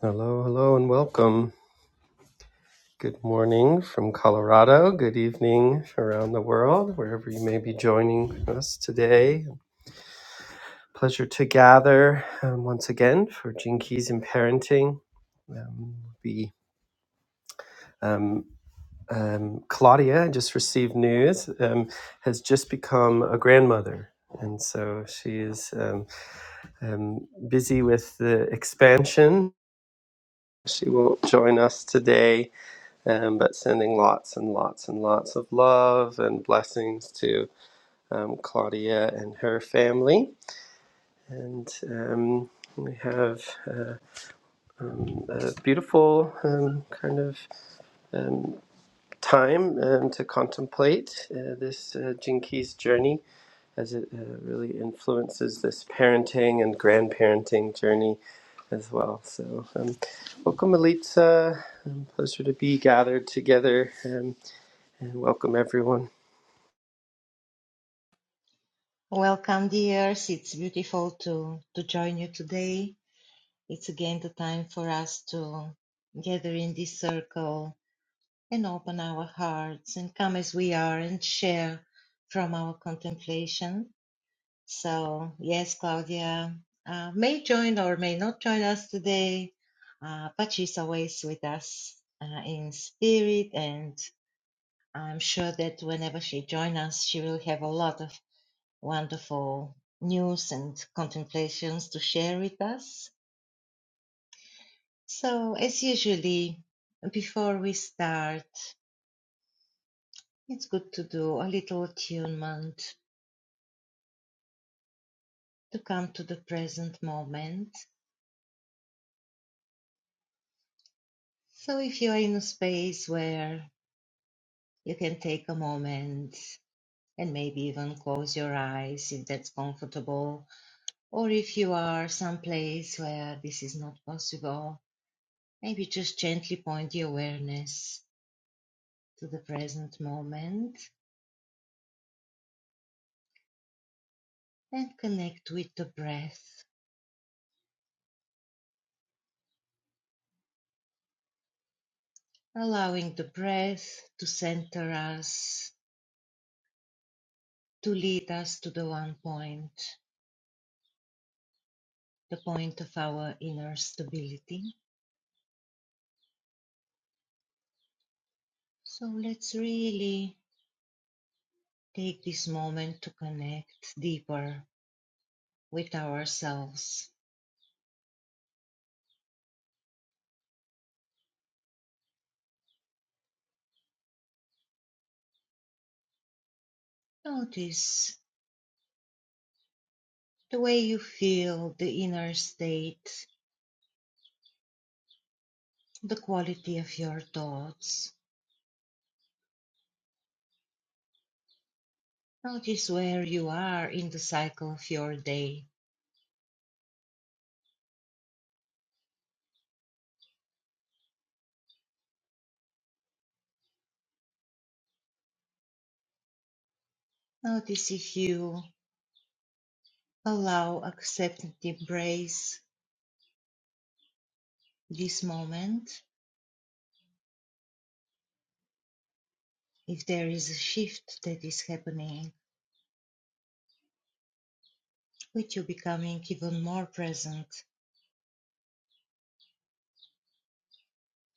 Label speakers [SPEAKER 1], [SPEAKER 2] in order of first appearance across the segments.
[SPEAKER 1] Hello, hello, and welcome. Good morning from Colorado. Good evening around the world, wherever you may be joining us today. Pleasure to gather um, once again for Gene Keys and Parenting. Um, we, um, um, Claudia, I just received news, um, has just become a grandmother. And so she is um, um, busy with the expansion. She won't join us today, Um, but sending lots and lots and lots of love and blessings to um, Claudia and her family. And um, we have uh, um, a beautiful um, kind of um, time um, to contemplate uh, this uh, Jinkies journey as it uh, really influences this parenting and grandparenting journey as well. So, um, welcome, Elitsa. Um, pleasure to be gathered together, um, and welcome everyone.
[SPEAKER 2] Welcome, dears. It's beautiful to, to join you today. It's again the time for us to gather in this circle and open our hearts and come as we are and share from our contemplation. So, yes, Claudia uh, may join or may not join us today, uh, but she's always with us uh, in spirit and I'm sure that whenever she joins us, she will have a lot of wonderful news and contemplations to share with us. So, as usually, before we start, it's good to do a little attunement to come to the present moment. So, if you're in a space where you can take a moment and maybe even close your eyes if that's comfortable, or if you are someplace where this is not possible, maybe just gently point the awareness to the present moment and connect with the breath, allowing the breath to center us, to lead us to the one point, the point of our inner stability. So let's really take this moment to connect deeper with ourselves. Notice the way you feel the inner state, the quality of your thoughts. Notice where you are in the cycle of your day. Notice if you allow, accept, and embrace this moment, if there is a shift that is happening, with you becoming even more present,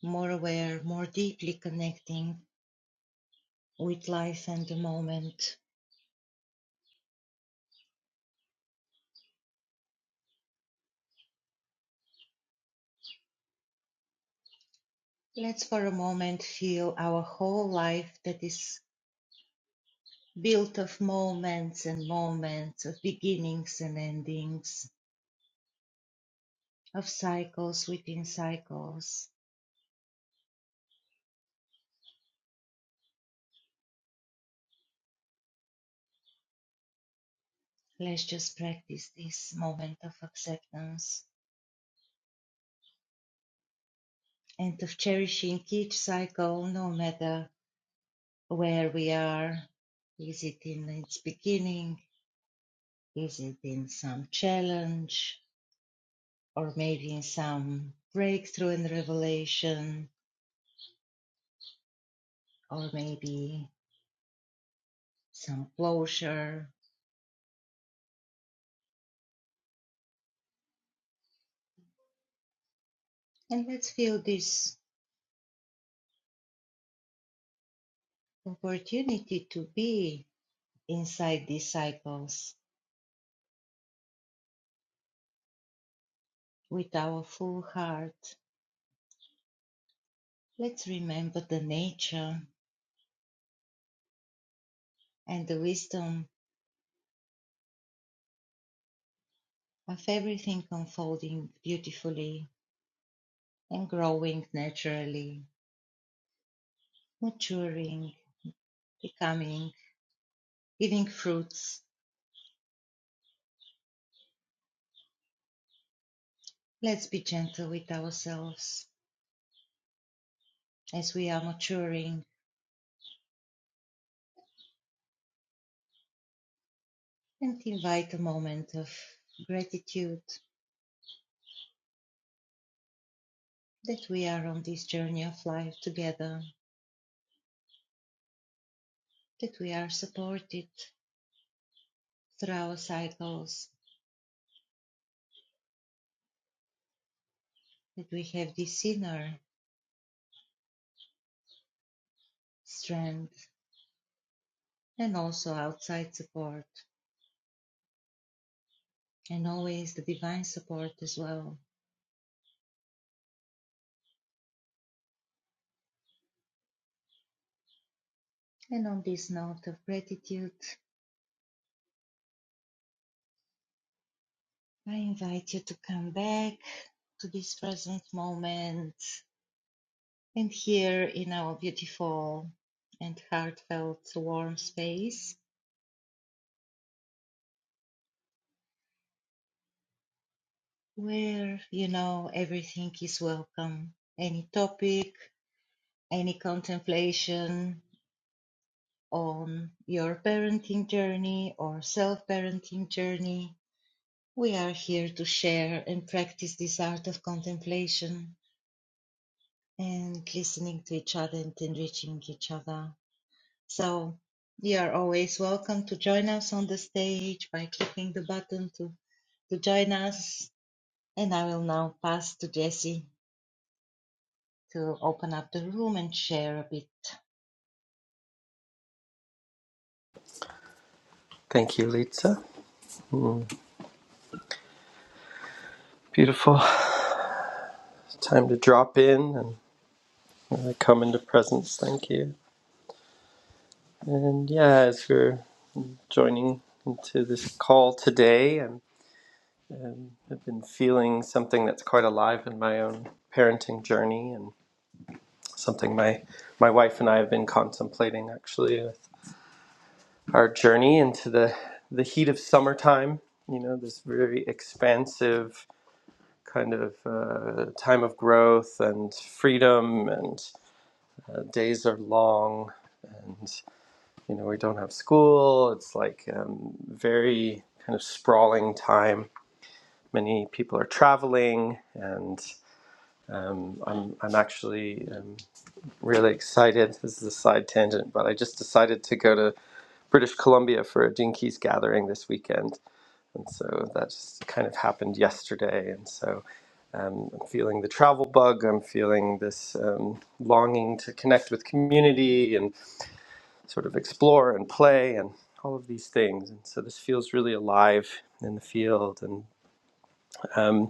[SPEAKER 2] more aware, more deeply connecting with life and the moment. Let's for a moment feel our whole life that is built of moments and moments, of beginnings and endings, of cycles within cycles. Let's just practice this moment of acceptance and of cherishing each cycle, no matter where we are. Is it in its beginning? Is it in some challenge? Or maybe in some breakthrough and revelation? Or maybe some closure? And let's feel this opportunity to be inside these cycles with our full heart. Let's remember the nature and the wisdom of everything unfolding beautifully and growing naturally, maturing, becoming, giving fruits. Let's be gentle with ourselves as we are maturing and invite a moment of gratitude that we are on this journey of life together, that we are supported through our cycles, that we have this inner strength and also outside support and always the divine support as well. And on this note of gratitude, I invite you to come back to this present moment and here in our beautiful and heartfelt warm space where you know everything is welcome. Any topic, any contemplation on your parenting journey or self parenting journey. We are here to share and practice this art of contemplation and listening to each other and enriching each other. So you are always welcome to join us on the stage by clicking the button to, to join us. And I will now pass to Jessie to open up the room and share a bit.
[SPEAKER 1] Thank you, Litsa. Beautiful. It's Time to drop in and uh, come into presence. Thank you. And yeah, as we're joining into this call today, and I've been feeling something that's quite alive in my own parenting journey, and something my my wife and I have been contemplating actually with our journey into the the heat of summertime. You know, this very expansive kind of uh, time of growth and freedom and uh, days are long and you know we don't have school it's like um, very kind of sprawling time many people are traveling and um, I'm, I'm actually um, really excited this is a side tangent but i just decided to go to british columbia for a jinkies gathering this weekend and so that just kind of happened yesterday and so um, i'm feeling the travel bug i'm feeling this um, longing to connect with community and. sort of explore and play and all of these things. And so this feels really alive in the field. And, um,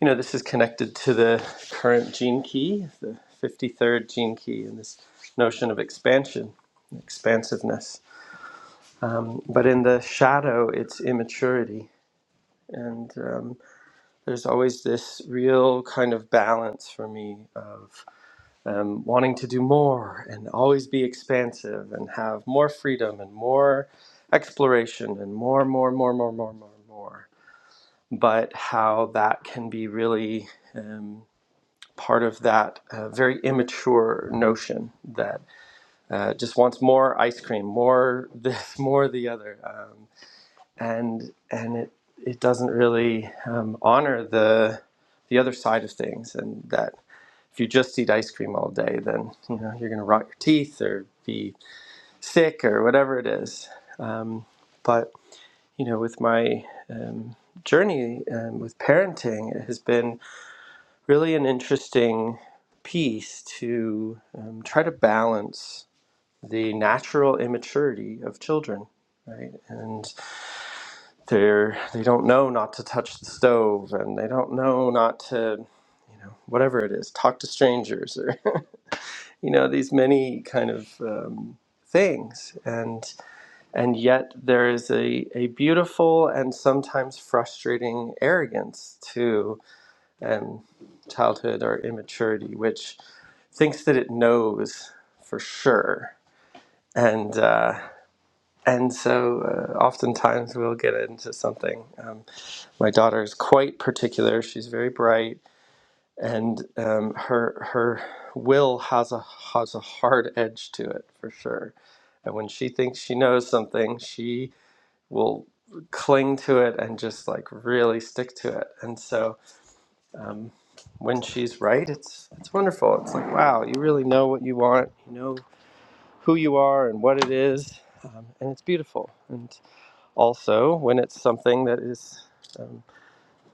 [SPEAKER 1] you know, this is connected to the current gene key, the 53rd gene key, and this notion of expansion, expansiveness. Um, but in the shadow, it's immaturity. And um, there's always this real kind of balance for me of um, wanting to do more and always be expansive and have more freedom and more exploration and more, more, more, more, more, more, more. But how that can be really um, part of that uh, very immature notion that uh, just wants more ice cream, more this, more the other, um, and and it it doesn't really um, honor the the other side of things and that if you just eat ice cream all day, then you know you're going to rot your teeth or be sick or whatever it is. Um, but you know, with my um, journey um, with parenting, it has been really an interesting piece to um, try to balance the natural immaturity of children. Right, and they're they don't know not to touch the stove, and they don't know not to you know whatever it is, talk to strangers, or. you know these many kind of um, things and and yet there is a, a beautiful and sometimes frustrating arrogance to um, childhood or immaturity which thinks that it knows for sure and uh, and so uh, oftentimes we'll get into something um, my daughter is quite particular she's very bright and um, her her will has a has a hard edge to it for sure. And when she thinks she knows something, she will cling to it and just like really stick to it. And so um, when she's right, it's it's wonderful. It's like wow, you really know what you want. You know who you are and what it is, um, and it's beautiful. And also when it's something that is. um,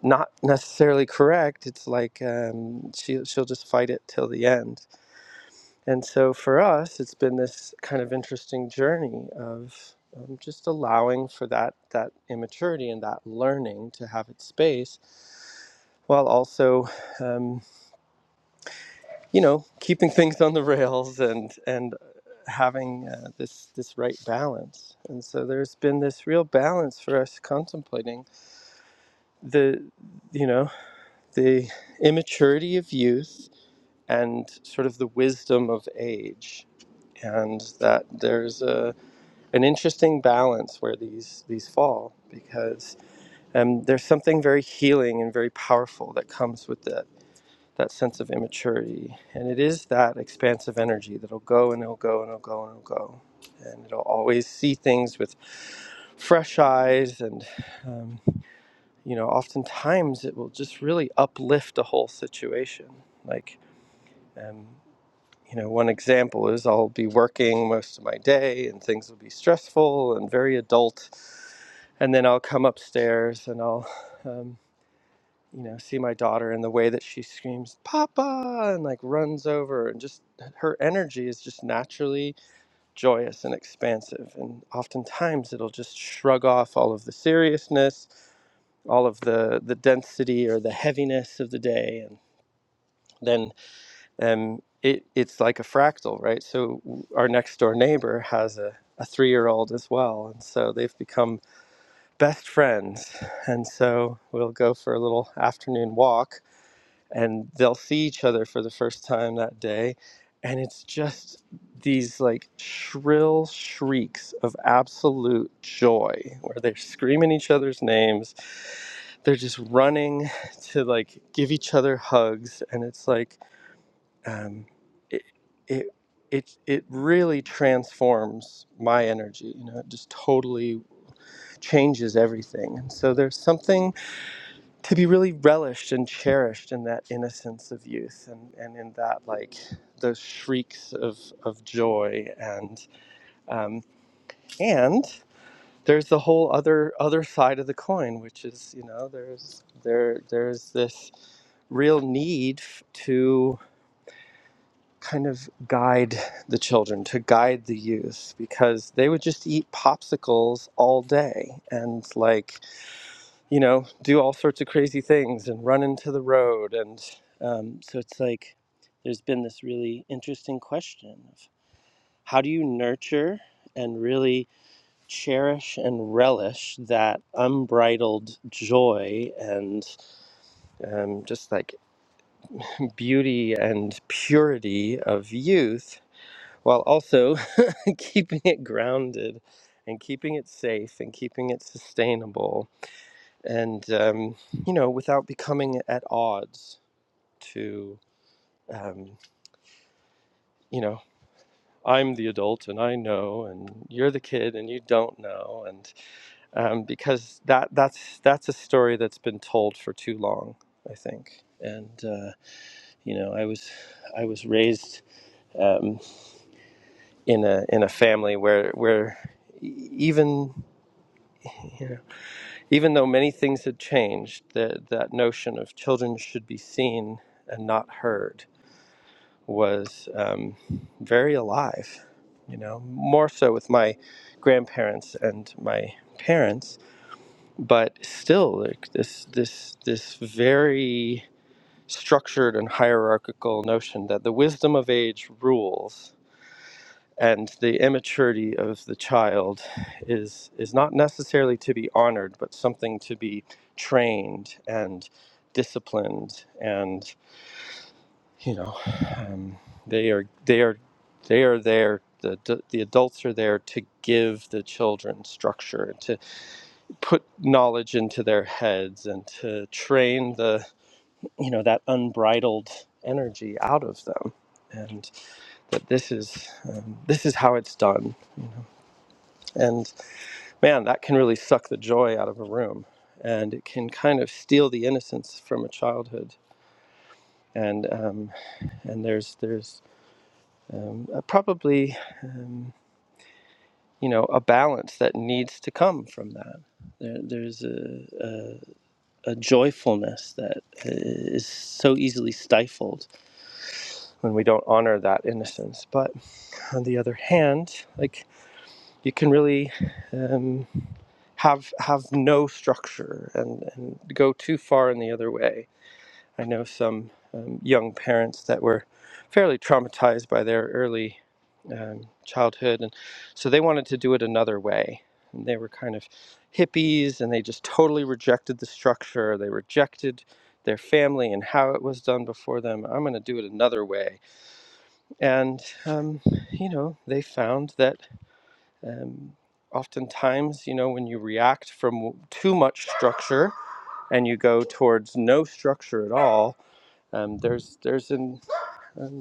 [SPEAKER 1] not necessarily correct. It's like um, she she'll just fight it till the end. And so for us, it's been this kind of interesting journey of um, just allowing for that that immaturity and that learning to have its space, while also um, you know keeping things on the rails and and having uh, this this right balance. And so there's been this real balance for us contemplating the you know the immaturity of youth and sort of the wisdom of age and that there's a an interesting balance where these these fall because um, there's something very healing and very powerful that comes with that that sense of immaturity and it is that expansive energy that'll go and it'll go and it'll go and it'll go and it'll always see things with fresh eyes and um, you know, oftentimes it will just really uplift a whole situation. Like, um, you know, one example is I'll be working most of my day and things will be stressful and very adult. And then I'll come upstairs and I'll, um, you know, see my daughter and the way that she screams, Papa, and like runs over and just her energy is just naturally joyous and expansive. And oftentimes it'll just shrug off all of the seriousness all of the the density or the heaviness of the day and then um, it, it's like a fractal right so our next door neighbor has a, a three-year-old as well and so they've become best friends and so we'll go for a little afternoon walk and they'll see each other for the first time that day and it's just these like shrill shrieks of absolute joy where they're screaming each other's names they're just running to like give each other hugs and it's like um, it, it it it really transforms my energy you know it just totally changes everything and so there's something to be really relished and cherished in that innocence of youth and, and in that like those shrieks of, of joy and um, and there's the whole other other side of the coin which is you know there's there there's this real need f- to kind of guide the children to guide the youth because they would just eat popsicles all day and like you know, do all sorts of crazy things and run into the road. And um, so it's like there's been this really interesting question of how do you nurture and really cherish and relish that unbridled joy and um, just like beauty and purity of youth while also keeping it grounded and keeping it safe and keeping it sustainable and um, you know, without becoming at odds to, um, you know, I'm the adult and I know, and you're the kid and you don't know, and um, because that that's that's a story that's been told for too long, I think. And uh, you know, I was I was raised um, in a in a family where where e- even you know, even though many things had changed, that that notion of children should be seen and not heard was um, very alive, you know, more so with my grandparents and my parents, but still like this this this very structured and hierarchical notion that the wisdom of age rules and the immaturity of the child is is not necessarily to be honored but something to be trained and disciplined and you know, um, they are they are they are there. The, the the adults are there to give the children structure, to put knowledge into their heads, and to train the you know that unbridled energy out of them. And that this is um, this is how it's done. And man, that can really suck the joy out of a room, and it can kind of steal the innocence from a childhood. And um, and there's there's um, uh, probably. Um, you know a balance that needs to come from that there, there's a, a, a joyfulness that is so easily stifled when we don't honor that innocence but on the other hand like you can really um, have have no structure and, and go too far in the other way I know some um, young parents that were fairly traumatized by their early um, childhood, and so they wanted to do it another way. And they were kind of hippies, and they just totally rejected the structure. They rejected their family and how it was done before them. I'm going to do it another way. And um, you know, they found that um, oftentimes, you know, when you react from too much structure and you go towards no structure at all um, there's there's an um,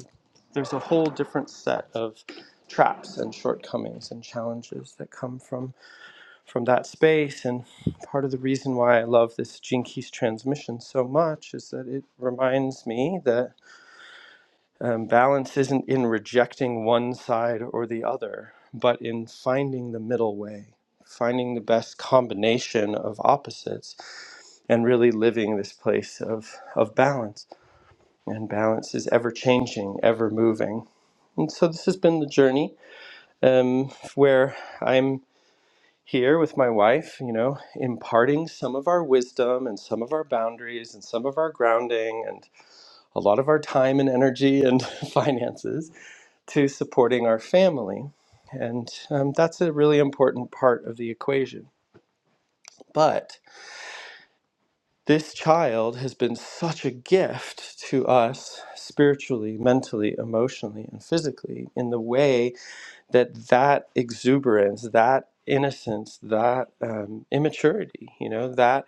[SPEAKER 1] there's a whole different set of traps and shortcomings and challenges that come from from that space and part of the reason why I love this jinkies transmission so much is that it reminds me that um, balance isn't in rejecting one side or the other but in finding the middle way finding the best combination of opposites and really living this place of of balance and balance is ever changing, ever moving. And so this has been the journey um, where I'm here with my wife, you know, imparting some of our wisdom and some of our boundaries and some of our grounding and a lot of our time and energy and finances to supporting our family. And um, that's a really important part of the equation. But This child has been such a gift to us spiritually, mentally, emotionally, and physically in the way that that exuberance, that innocence, that um, immaturity, you know, that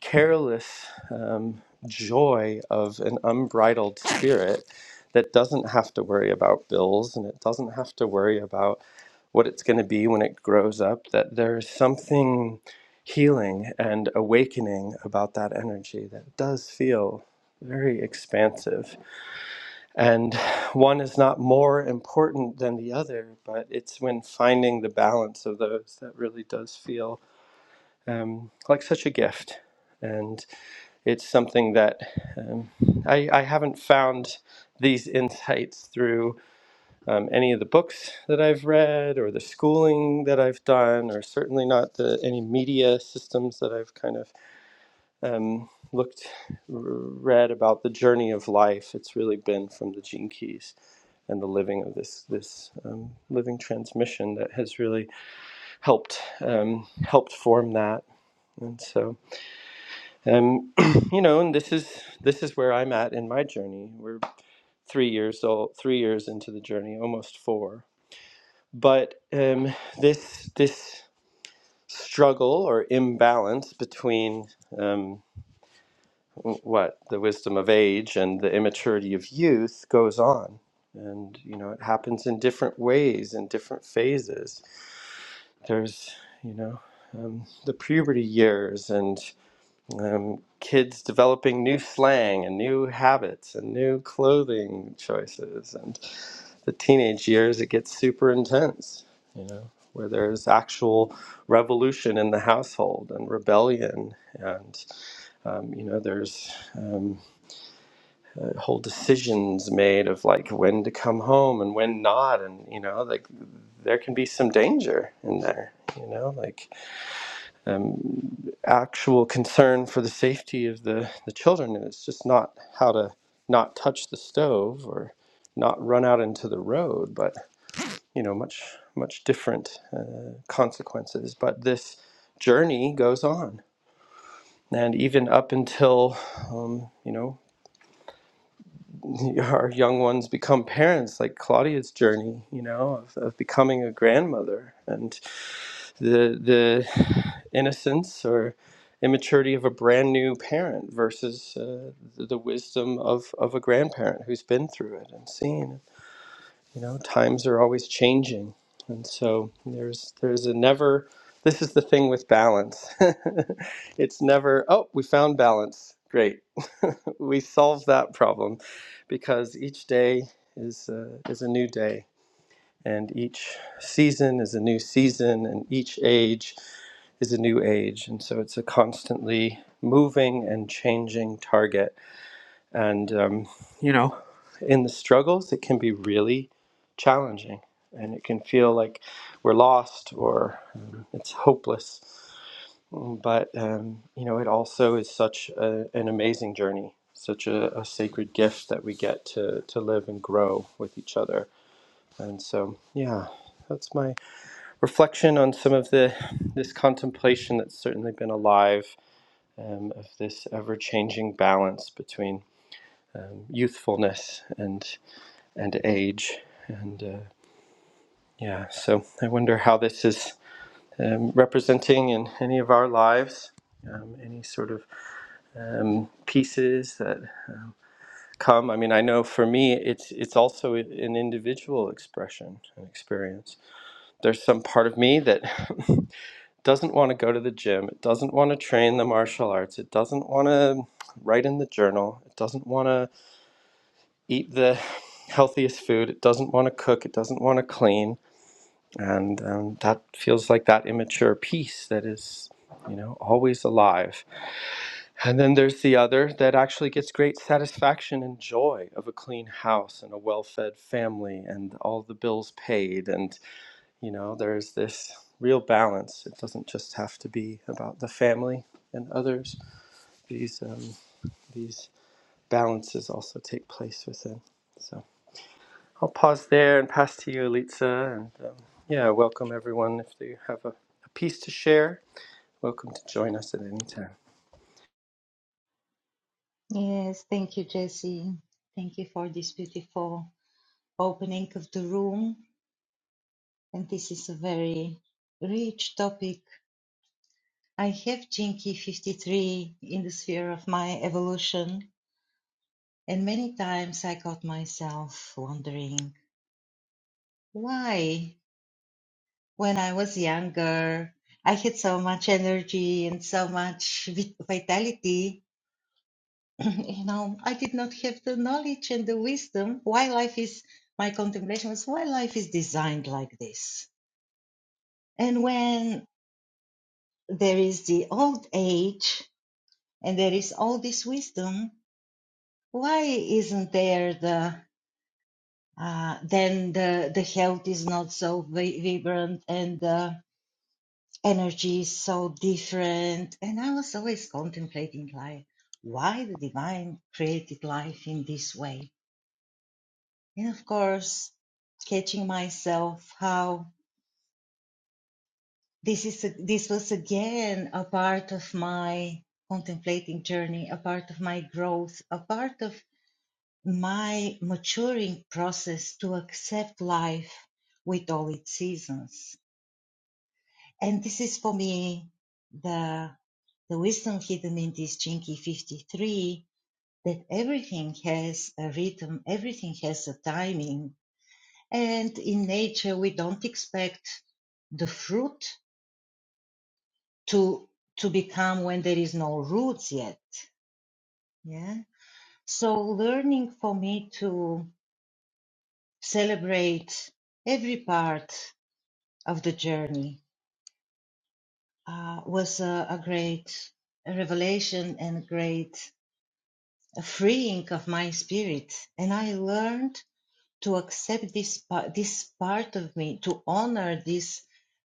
[SPEAKER 1] careless um, joy of an unbridled spirit that doesn't have to worry about bills and it doesn't have to worry about what it's going to be when it grows up, that there's something healing and awakening about that energy that does feel very expansive. And one is not more important than the other, but it's when finding the balance of those that really does feel um, like such a gift. And it's something that um, I, I haven't found these insights through um, any of the books that I've read or the schooling that I've done, or certainly not the any media systems that I've kind of um, looked read about the journey of life. It's really been from the Gene Keys and the living of this this um, living transmission that has really helped um, helped form that. And so, um, you know, and this is this is where I'm at in my journey. We're three years old, three years into the journey, almost four. but um, this this struggle or imbalance between um, w- what the wisdom of age and the immaturity of youth goes on and you know it happens in different ways in different phases there's you know um, the puberty years and um, kids developing new slang and new habits and new clothing choices and. the teenage years, it gets super intense, you know, where there's actual revolution in the household and rebellion. And, um, you know, there's um, whole decisions made of like when to come home and when not. And, you know, like there can be some danger in there, you know, like um, actual concern for the safety of the, the children. And it's just not how to not touch the stove or not run out into the road, but you know much much different uh, consequences but this journey goes on and even up until um, you know our young ones become parents like claudia's journey you know of, of becoming a grandmother and the the innocence or immaturity of a brand new parent versus uh, the the wisdom of, of a grandparent who's been through it and seen it you know times are always changing and so there's there's a never this is the thing with balance it's never oh we found balance great we solved that problem because each day is uh, is a new day and each season is a new season and each age is a new age and so it's a constantly moving and changing target and, um, you know, in the struggles, it can be really challenging and it can feel like we're lost or um, it's hopeless. But, um, you know, it also is such a, an amazing journey, such a, a sacred gift that we get to, to live and grow with each other. And so, yeah, that's my reflection on some of the this contemplation that's certainly been alive um, of this ever changing balance between youthfulness and and age. And uh, yeah, so I wonder how this is um, representing in any of our lives, um, any sort of um, pieces that come. I mean, I know for me, it's it's also an individual expression and experience. There's some part of me that doesn't want to go to the gym. It doesn't want to train the martial arts. It doesn't want to write in the journal. It doesn't want to eat the healthiest food. It doesn't want to cook. It doesn't want to clean and um, that feels like that immature piece that is you know always alive and then there's the other that actually gets great satisfaction and joy of a clean house and a well-fed family and all the bills paid and you know there's this real balance it doesn't just have to be about the family and others these um, these balances also take place within so I'll pause there and pass to you, Litsa. And um, yeah, welcome everyone. If you have a, a piece to share, welcome to join us at any time.
[SPEAKER 2] Yes, thank you, Jessie. Thank you for this beautiful opening of the room. And this is a very rich topic. I have Jinky 53 in the sphere of my evolution And many times I got myself wondering why, when I was younger, I had so much energy and so much vi- vitality. you know, I did not have the knowledge and the wisdom why life is, my contemplation was why life is designed like this. And when there is the old age and there is all this wisdom, why isn't there the? uh, then the the health is not so vibrant and the energy is so different. And I was always contemplating like why the divine created life in this way. And of course, catching myself how this is a, this was again a part of my contemplating journey, a part of my growth, a part of my maturing process to accept life with all its seasons And this is for me the the wisdom hidden in this jinky 53 that everything has a rhythm, everything has a timing. And in nature, we don't expect the fruit to to become when there is no roots yet. Yeah. So learning for me to celebrate every part of the journey uh, was a, a great revelation and great a freeing of my spirit. And I learned to accept this this part of me, to honor this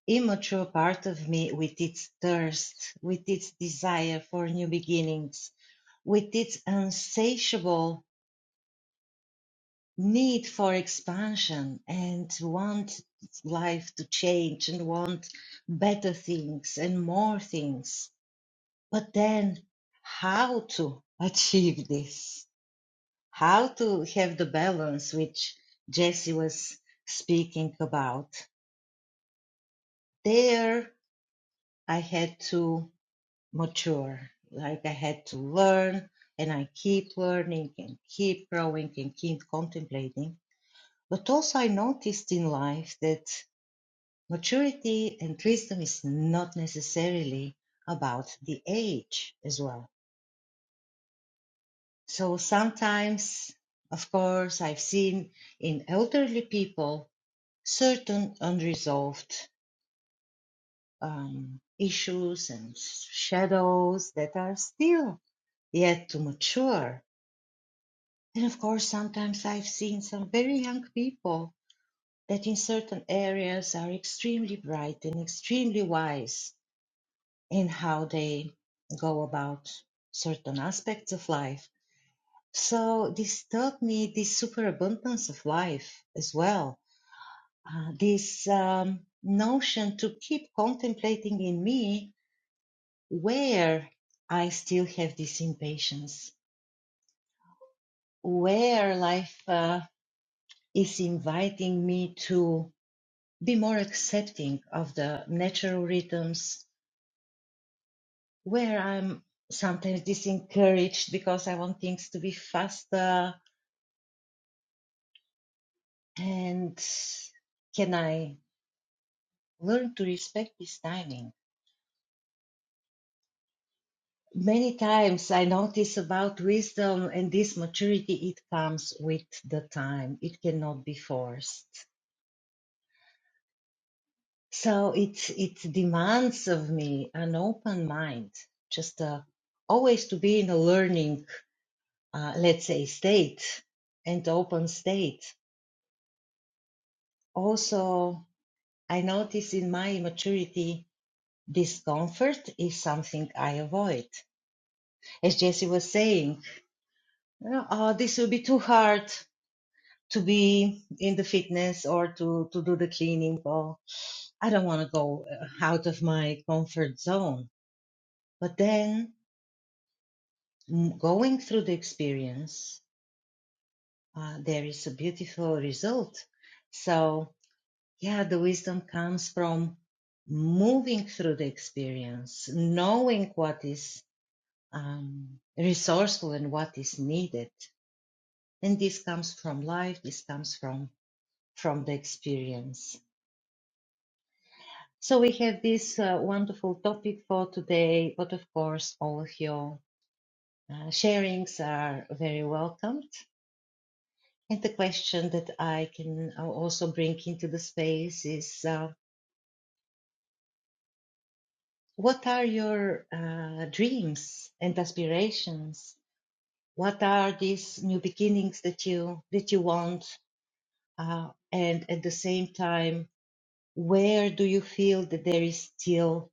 [SPEAKER 2] immature part of me with its thirst, with its desire for new beginnings, with its insatiable need for expansion and want life to change and want better things and more things. But then, how to achieve this? how to have the balance which Jesse was speaking about. There, I had to mature, like I had to learn, and I keep learning and keep growing and keep contemplating. But also, I noticed in life that maturity and wisdom is not necessarily about the age as well. So sometimes, of course, I've seen in elderly people certain unresolved um, issues and shadows that are still yet to mature. And of course, sometimes I've seen some very young people that in certain areas are extremely bright and extremely wise in how they go about certain aspects of life. So this taught me this superabundance of life as well. Uh, this um, notion to keep contemplating in me where I still have this impatience, where life uh, is inviting me to be more accepting of the natural rhythms, where I'm sometimes disencouraged because I want things to be faster. And can I learn to respect this timing? Many times I notice about wisdom and this maturity, it comes with the time. It cannot be forced So it it demands of me an open mind, just uh, always to be in a learning, uh, let's say, state and open state. Also, I notice in my immaturity, discomfort is something I avoid. As Jesse was saying, you know, oh, this will be too hard to be in the fitness or to, to do the cleaning. Or I don't want to go uh, out of my comfort zone. But then m- going through the experience, uh, there is a beautiful result. So, yeah, the wisdom comes from moving through the experience, knowing what is um, resourceful and what is needed. And this comes from life. This comes from from the experience. So we have this uh, wonderful topic for today, but of course, all of your uh, sharings are very welcomed. And the question that I can uh, also bring into the space is uh, what are your uh, dreams and aspirations? What are these new beginnings that you that you want? Uh, and at the same time, where do you feel that there is still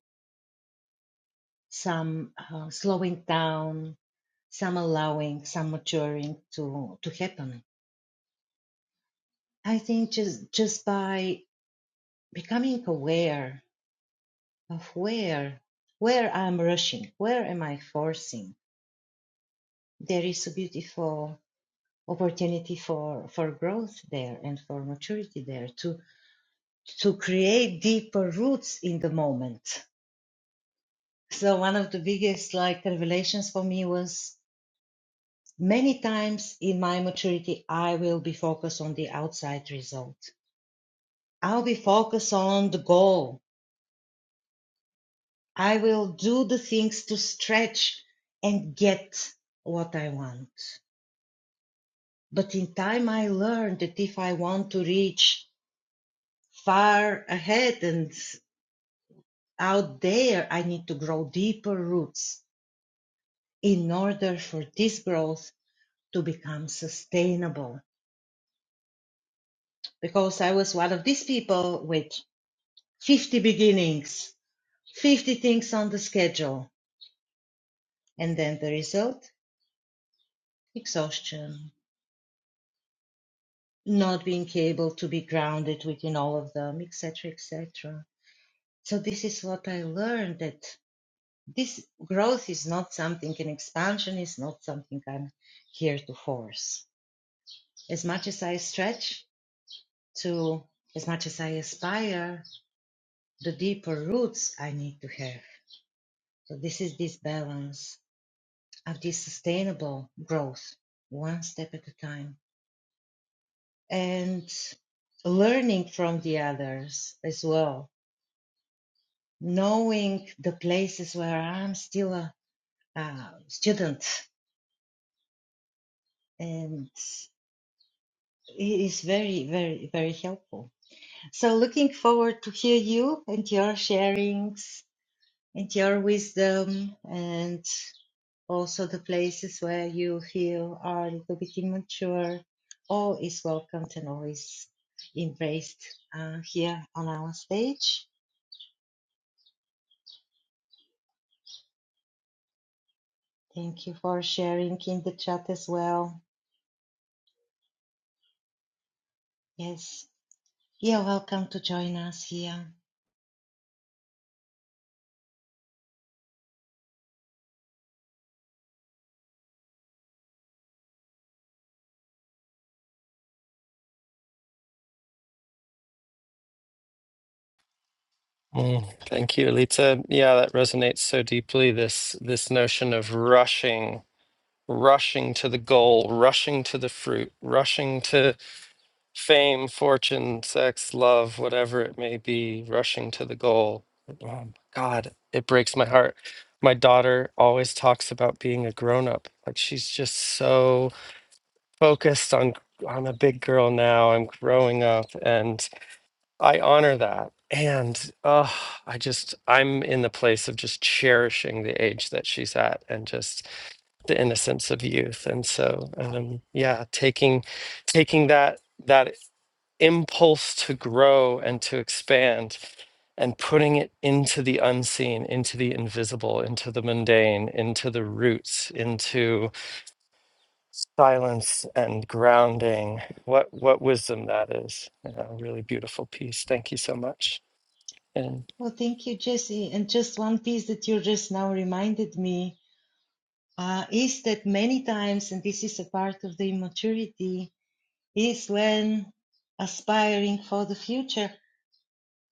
[SPEAKER 2] some uh, slowing down, some allowing, some maturing to to happen? I think just just by becoming aware of where where I'm rushing, where am I forcing? There is a beautiful opportunity for for growth there and for maturity there to to create deeper roots in the moment. So one of the biggest like revelations for me was many times in my maturity I will be focused on the outside result. I'll be focused on the goal. I will do the things to stretch and get what I want But in time, I learned that if I want to reach far ahead and out there, I need to grow deeper roots in order for this growth to become sustainable. Because I was one of these people with 50 beginnings, 50 things on the schedule. And then the result? Exhaustion, not being able to be grounded within all of them, etc., etc. So this is what I learned that this growth is not something, an expansion is not something I'm here to force. As much as I stretch to, as much as I aspire, the deeper roots I need to have. So this is this balance of this sustainable growth, one step at a time. And learning from the others as well, knowing the places where I'm still a, a student and It is very, very, very helpful. So looking forward to hear you and your sharings and your wisdom and also the places where you feel are a little bit immature. All is welcomed and always embraced uh, here on our stage. Thank you for sharing in the chat as well. Yes, you're welcome to join us here.
[SPEAKER 1] Mm, thank you, Lita. Yeah, that resonates so deeply. This this notion of rushing, rushing to the goal, rushing to the fruit, rushing to fame, fortune, sex, love, whatever it may be, rushing to the goal. Um, God, it breaks my heart. My daughter always talks about being a grown up. Like she's just so focused on I'm a big girl now. I'm growing up and I honor that. And uh, I just I'm in the place of just cherishing the age that she's at and just the innocence of youth. And so um yeah, taking taking that that impulse to grow and to expand and putting it into the unseen, into the invisible, into the mundane, into the roots, into silence and grounding. What what wisdom that is. Yeah, A really beautiful piece. Thank you so much. And
[SPEAKER 2] Well, thank you, Jesse. And just one piece that you just now reminded me uh, is that many times, and this is a part of the immaturity, is when aspiring for the future,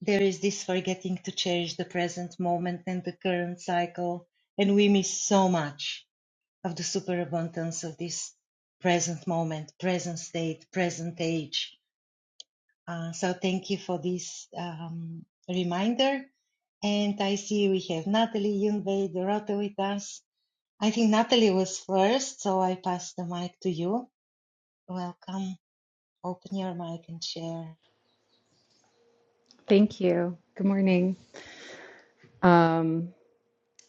[SPEAKER 2] there is this forgetting to cherish the present moment and the current cycle, and we miss so much of the superabundance of this present moment, present state, present age. Uh, so thank you for this um, reminder. And I see we have Natalie Jungway Dorota with us. I think Natalie was first, so I pass the mic to you. Welcome. Open your mic and share.
[SPEAKER 3] Thank you. Good morning. Um,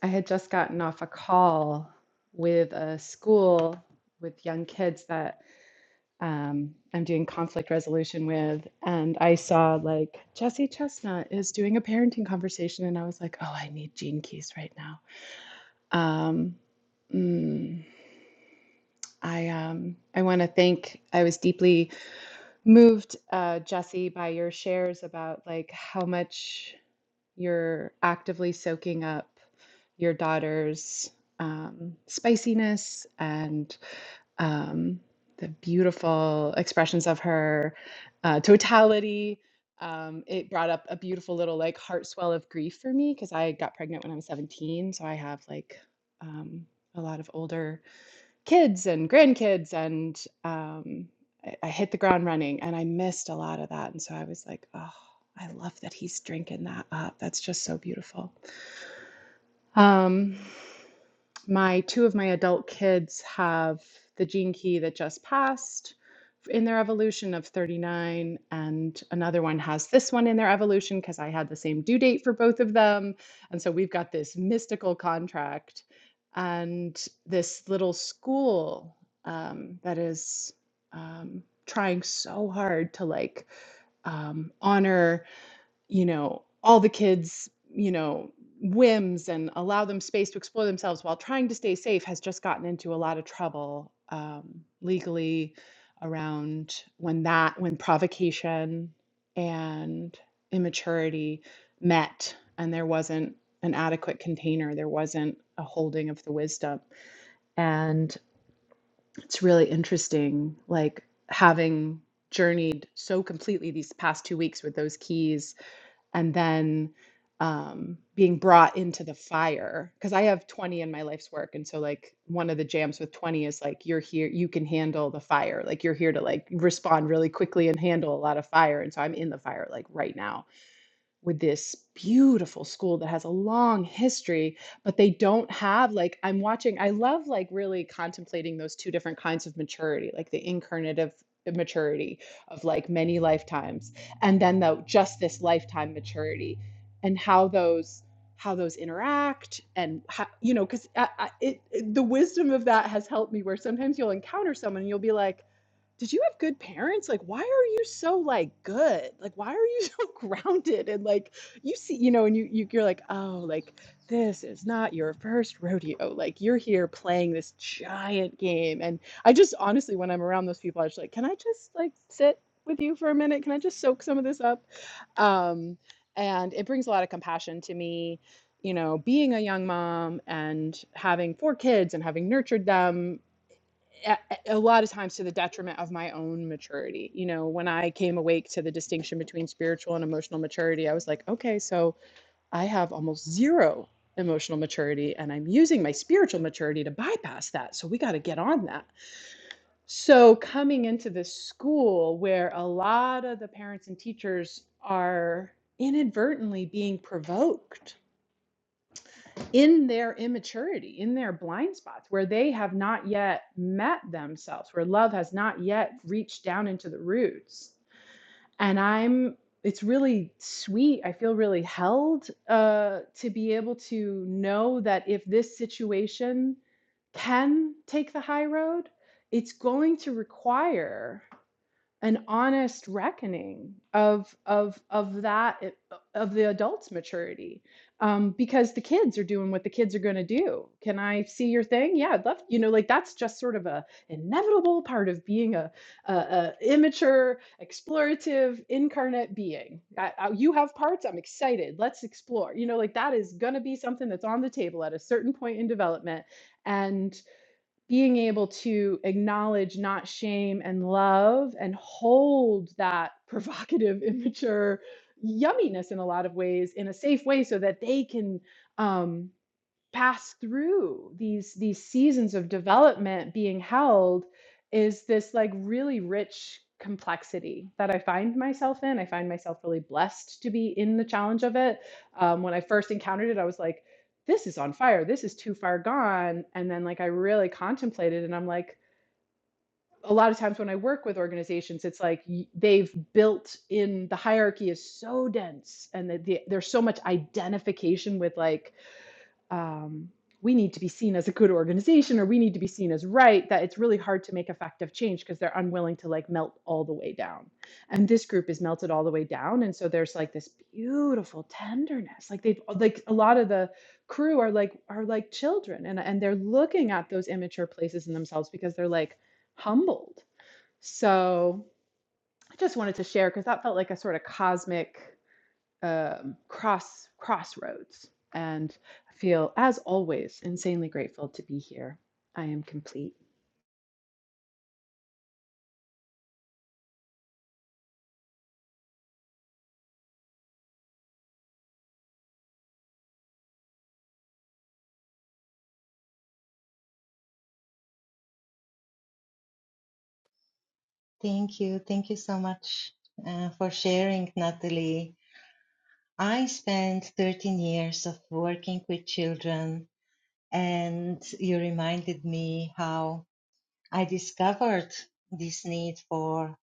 [SPEAKER 3] I had just gotten off a call with a school with young kids that um, I'm doing conflict resolution with, and I saw like Jesse Chestnut is doing a parenting conversation, and I was like, oh, I need Gene Keys right now. Um, mm, I um, I want to thank. I was deeply moved, uh, Jesse, by your shares about like how much you're actively soaking up. your daughter's um, spiciness and um, the beautiful expressions of her uh, totality. Um, it brought up a beautiful little like heart swell of grief for me because I got pregnant when I was 17. So I have like um, a lot of older kids and grandkids, and um, I, I hit the ground running and I missed a lot of that. And so I was like, oh, I love that he's drinking that up. That's just so beautiful. Um, my two of my adult kids have the gene key that just passed in their evolution of 39 and another one has this one in their evolution because i had the same due date for both of them and so we've got this mystical contract and this little school um, that is um, trying so hard to like um, honor you know, all the kids, you know, whims and allow them space to explore themselves while trying to stay safe has just gotten into a lot of trouble um, legally around when that, when provocation and immaturity met and there wasn't an adequate container, there wasn't a holding of the wisdom. And it's really interesting, like having journeyed so completely these past two weeks with those keys and then um, being brought into the fire because I have 20 in my life's work. And so, like, one of the jams with 20 is like, you're here, you can handle the fire. Like, you're here to like respond really quickly and handle a lot of fire. And so, I'm in the fire like right now with this beautiful school that has a long history, but they don't have like I'm watching, I love like really contemplating those two different kinds of maturity, like the incarnative uh, maturity of like many lifetimes, and then though just this lifetime maturity and how those how those interact and how, you know because I, I, it, it, the wisdom of that has helped me where sometimes you'll encounter someone and you'll be like did you have good parents? Like, why are you so, like, good? Like, why are you so grounded? And, like, you see, you know, and you, you you're like, "Oh, like, this is not your first rodeo. Like, you're here playing this giant game." And I just honestly, when I'm around those people, I just like, "Can I just like sit with you for a minute? Can I just soak some of this up?" Um, and it brings a lot of compassion to me. You know, being a young mom and having four kids and having nurtured them a a lot of times to the detriment of my own maturity. You know, when I came awake to the distinction between spiritual and emotional maturity, I was like, okay, so I have almost zero emotional maturity and I'm using my spiritual maturity to bypass that. So we got to get on that. So coming into this school where a lot of the parents and teachers are inadvertently being provoked in their immaturity, in their blind spots, where they have not yet met themselves, where love has not yet reached down into the roots. And I'm, it's really sweet. I feel really held uh, to be able to know that if this situation can take the high road, it's going to require an honest reckoning of of of that eh, of the adult's maturity um, because the kids are doing what the kids are going to do can i see your thing yeah i'd love you know like that's just sort of a inevitable part of being a, a, a immature explorative incarnate being I, I- you have parts i'm excited let's explore you know like that is going to be something that's on the table at a certain point in development and being able to acknowledge, not shame, and love, and hold that provocative, immature yumminess in a lot of ways in a safe way so that they can. Um, pass through these these seasons of development being held is this like really rich complexity that I find myself in. I find myself really blessed to be in the challenge of it. Um, when I first encountered it, I was like, "This is on fire. This is too far gone." And then like I really contemplated, and I'm like. A lot of times when I work with organizations, it's like y- they've built in the hierarchy is so dense, and the, the, there's so much identification with like um, we need to be seen as a good organization or we need to be seen as right that it's really hard to make effective change because they're unwilling to like melt all the way down and this group is melted all the way down and so there's like this beautiful tenderness like they've like a lot of the crew are like are like children and and they're looking at those immature places in themselves because they're like humbled so i just wanted to share because that felt like a sort of cosmic um, cross crossroads and I feel as always insanely grateful to be here i am complete
[SPEAKER 2] Thank you. Thank you so much uh, for sharing, Natalie. I spent 13 years of working with children, and you reminded me how I discovered this need for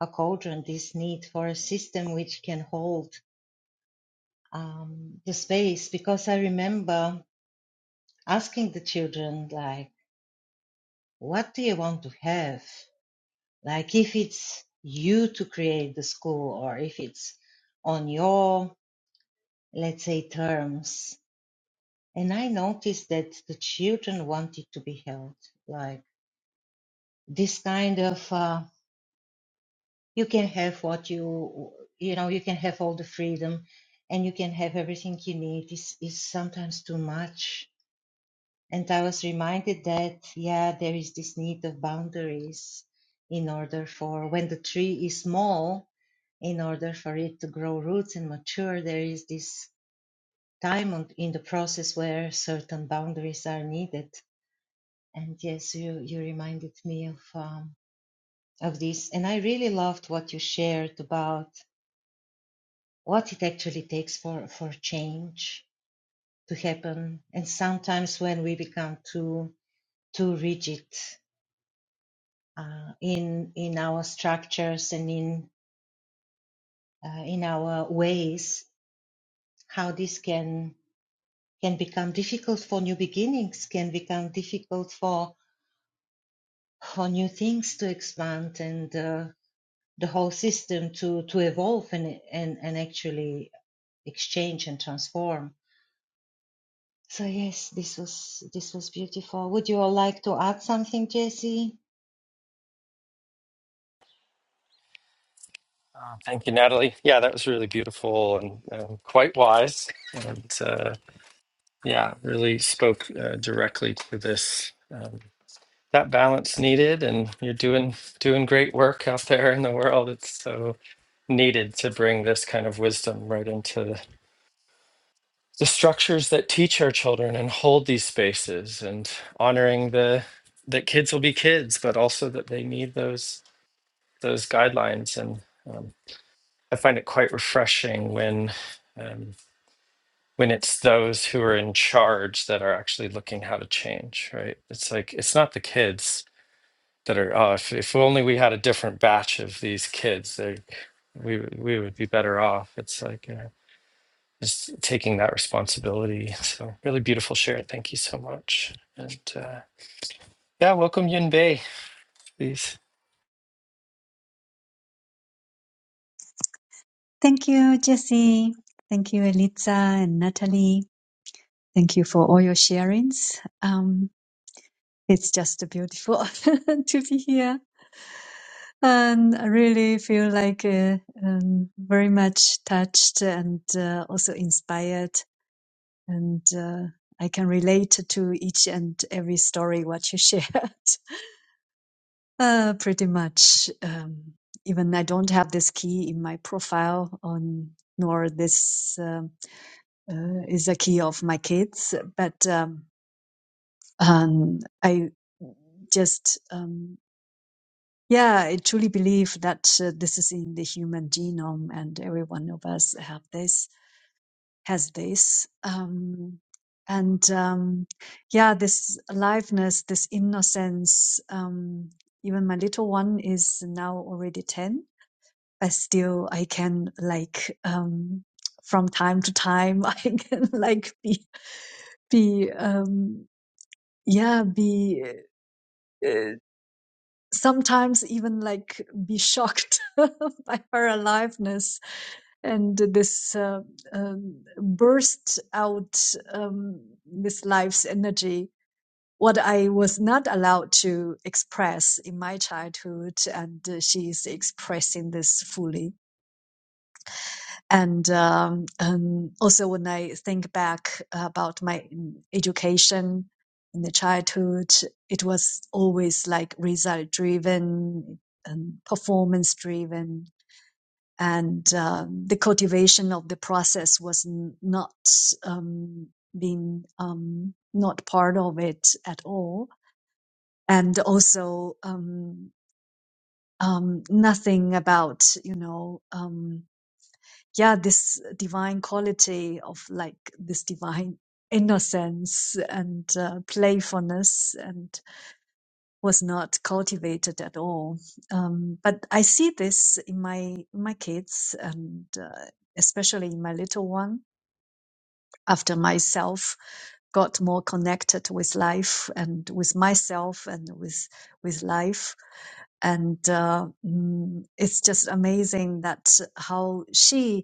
[SPEAKER 2] a cauldron, this need for a system which can hold um, the space. Because I remember asking the children, like, what do you want to have? Like if it's you to create the school or if it's on your, let's say, terms. And I noticed that the children wanted to be held. Like this kind of, uh, you can have what you, you know, you can have all the freedom and you can have everything you need is, is sometimes too much And I was reminded that, yeah, there is this need of boundaries in order for when the tree is small, in order for it to grow roots and mature, there is this time on, in the process where certain boundaries are needed. And yes, you, you reminded me of, um, of this. And I really loved what you shared about what it actually takes for, for change to happen. And sometimes when we become too, too rigid uh, in in our structures and in uh, in our ways how this can can become difficult for new beginnings can become difficult for for new things to expand and uh, the whole system to to evolve and and and actually exchange and transform so yes this was this was beautiful would you all like to add something jesse
[SPEAKER 1] uh, thank you, Natalie. Yeah, that was really beautiful and, and quite wise. And uh, yeah, really spoke uh, directly to this. Um, that balance needed, and you're doing doing great work out there in the world. It's so needed to bring this kind of wisdom right into the structures that teach our children and hold these spaces and honoring the that kids will be kids but also that they need those those guidelines and um, i find it quite refreshing when um, when it's those who are in charge that are actually looking how to change right it's like it's not the kids that are oh if, if only we had a different batch of these kids they we we would be better off it's like Uh, is taking that responsibility. So really beautiful share. Thank you so much. And uh, yeah, welcome Yin Bei, please.
[SPEAKER 4] Thank you, Jesse. Thank you, Elitza and Natalie. Thank you for all your sharings. Um, it's just beautiful to be here. And I really feel like uh, um, very much touched and uh, also inspired. And uh, I can relate to each and every story what you shared. Uh, pretty much. Um, even I don't have this key in my profile on nor this. um uh, is a key of my kids. But um, um, I just, um, yeah, I truly believe that uh, this is in the human genome, and every one of us have this, has this. Um, and um, yeah, this aliveness, this innocence. Um, even my little one is now already ten. I still, I can like um, from time to time, I can like be be. Um, yeah be uh, sometimes even like be shocked by her aliveness and this uh, um, burst out um, this life's energy what i was not allowed to express in my childhood and uh, she's expressing this fully and um, um, also when I think back about my mm, education in the childhood, it was always like result driven and performance driven, and um, the cultivation of the process was n- not um, being um, not part of it at all, and also um, um, nothing about you know. Um, yeah, this divine quality of like this divine innocence and uh, playfulness and was not cultivated at all. Um, but I see this in my my kids and uh, especially in my little one after myself got more connected with life and with myself and with with life and uh, mm, it's just amazing that how she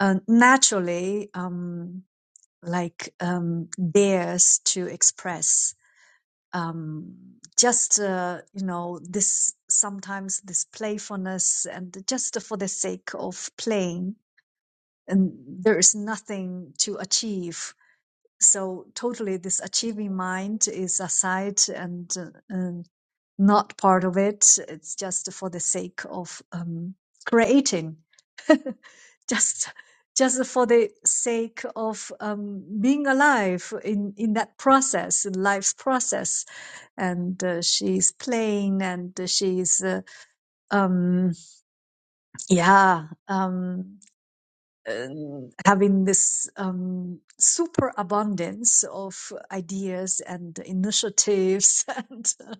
[SPEAKER 4] uh, naturally um, like um, dares to express um, just uh, you know this sometimes this playfulness and just for the sake of playing and there is nothing to achieve so totally this achieving mind is aside and, uh, and not part of it it's just for the sake of um, creating just just for the sake of um, being alive in, in that process, in life's process. And uh, she's playing and she's, uh, um, yeah, um, um, having this um, super abundance of ideas and initiatives and, uh,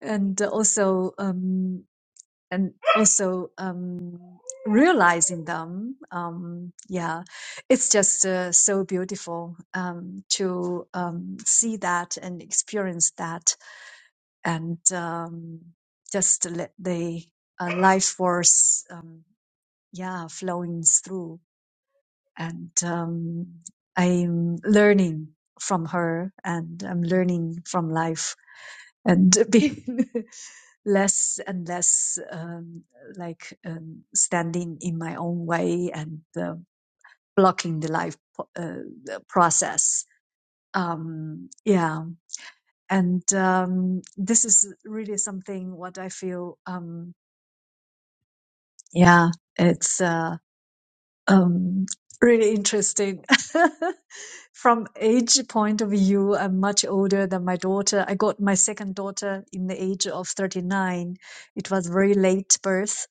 [SPEAKER 4] and also um, and also um, realizing them. Um, yeah, it's just uh, so beautiful um, to um, see that and experience that, and um, just to let the uh, life force, um, yeah, flowing through. And um, I'm learning from her, and I'm learning from life and being less and less um, like um, standing in my own way and uh, blocking the life po- uh, the process. Um, yeah, and um, this is really something what I feel. Um, yeah, it's. Uh, um, really interesting. From age point of view, I'm much older than my daughter. I got my second daughter in the age of 39. It was very late birth,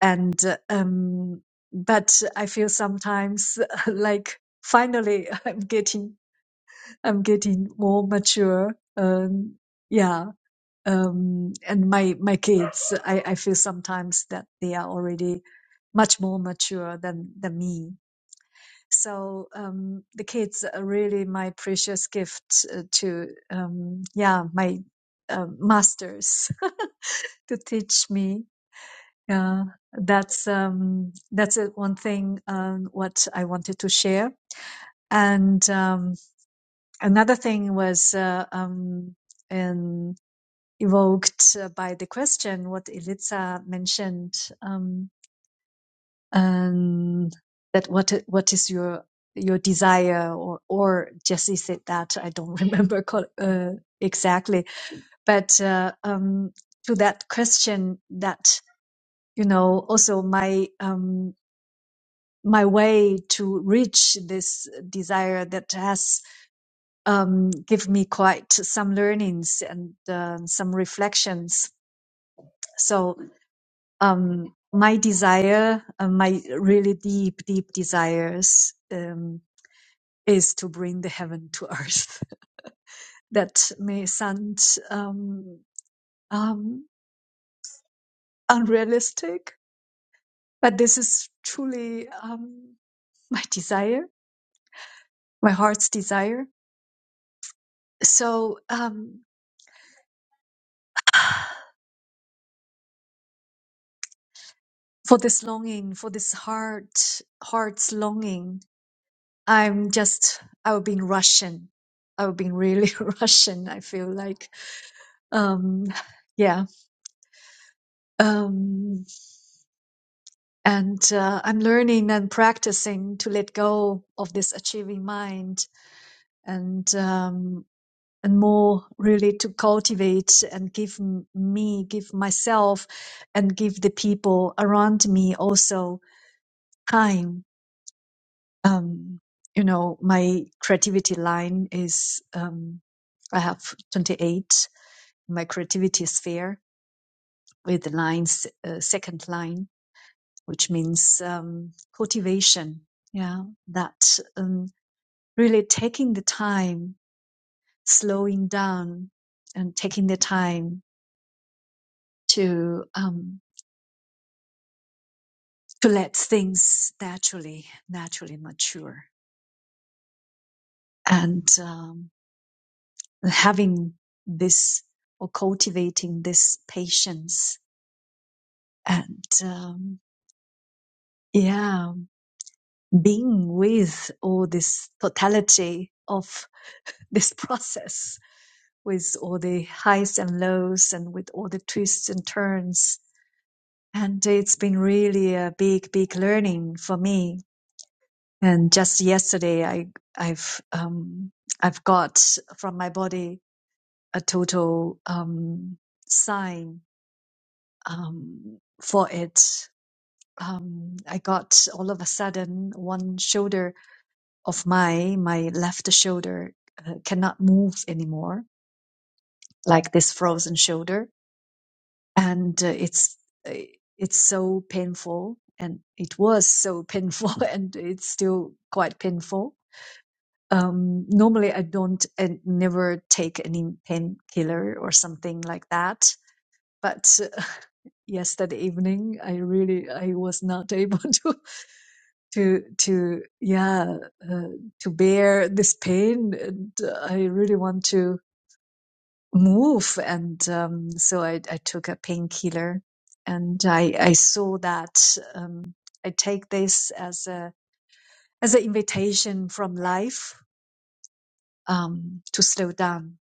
[SPEAKER 4] and uh, um, but I feel sometimes like finally I'm getting I'm getting more mature. Um, yeah. Um, and my, my kids, I, I feel sometimes that they are already much more mature than, than me so um, the kids are really my precious gift uh, to um, yeah my uh, masters to teach me. Uh, that's um, that's uh, one thing um, what I wanted to share. And um, another thing was uh, um, in, evoked uh, by the question what Eliza mentioned. Um, um, that what what is your your desire or or Jesse said that I don't remember co- uh, exactly, but uh, um, to that question that you know also my um, my way to reach this desire that has um, give me quite some learnings and uh, some reflections. So um, my desire, uh, my really deep deep desires. Um, is to bring the heaven to earth. that may sound um, um, unrealistic, but this is truly um, my desire, my heart's desire. So um, for this longing, for this heart, heart's longing, I'm just, I've been Russian. I've been really Russian. I feel like, um, yeah. Um, And uh, I'm learning and practicing to let go of this achieving mind and um, and more really to cultivate and give m- me, give myself, and give the people around me also time. Um, you know, my creativity line is um, I have 28. My creativity sphere with the lines, uh, second line which means um, cultivation. Yeah, that um, really taking the time, slowing down, and taking the time to um, to let things naturally naturally mature, and um, having this or cultivating this patience and um, yeah, being with all this totality of this process with all the highs and lows and with all the twists and turns. And it's been really a big, big learning for me. And just yesterday, I, I've, um, I've got from my body a total, um, sign, um, for it. Um, I got all of a sudden one shoulder of my, my left shoulder uh, cannot move anymore, like this frozen shoulder and uh, it's uh, it's so painful and it was so painful and it's still quite painful um normally i don't and never take any painkiller or something like that but uh, yesterday evening i really i was not able to to to yeah uh, to bear this pain and uh, i really want to move. And um, so I, I took a painkiller and I, I saw that um, I take this as a, as an invitation from life um, to slow down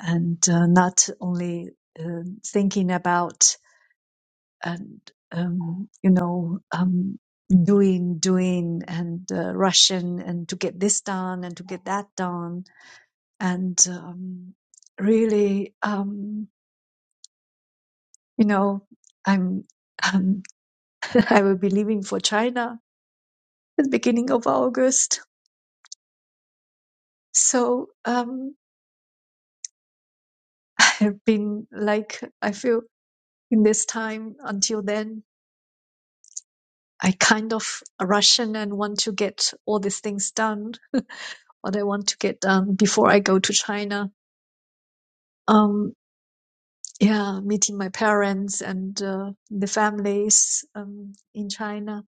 [SPEAKER 4] and uh, not only uh, thinking about and um, you know um, doing doing and uh, rushing and to get this done and to get that done and um, really um, You know, I'm um, I will be leaving for China at the beginning of August. So um, I've been like I feel in this time until then, I kind of Russian and want to get all these things done, what I want to get done before I go to China. Um, yeah, meeting my parents and uh, the families um, in China.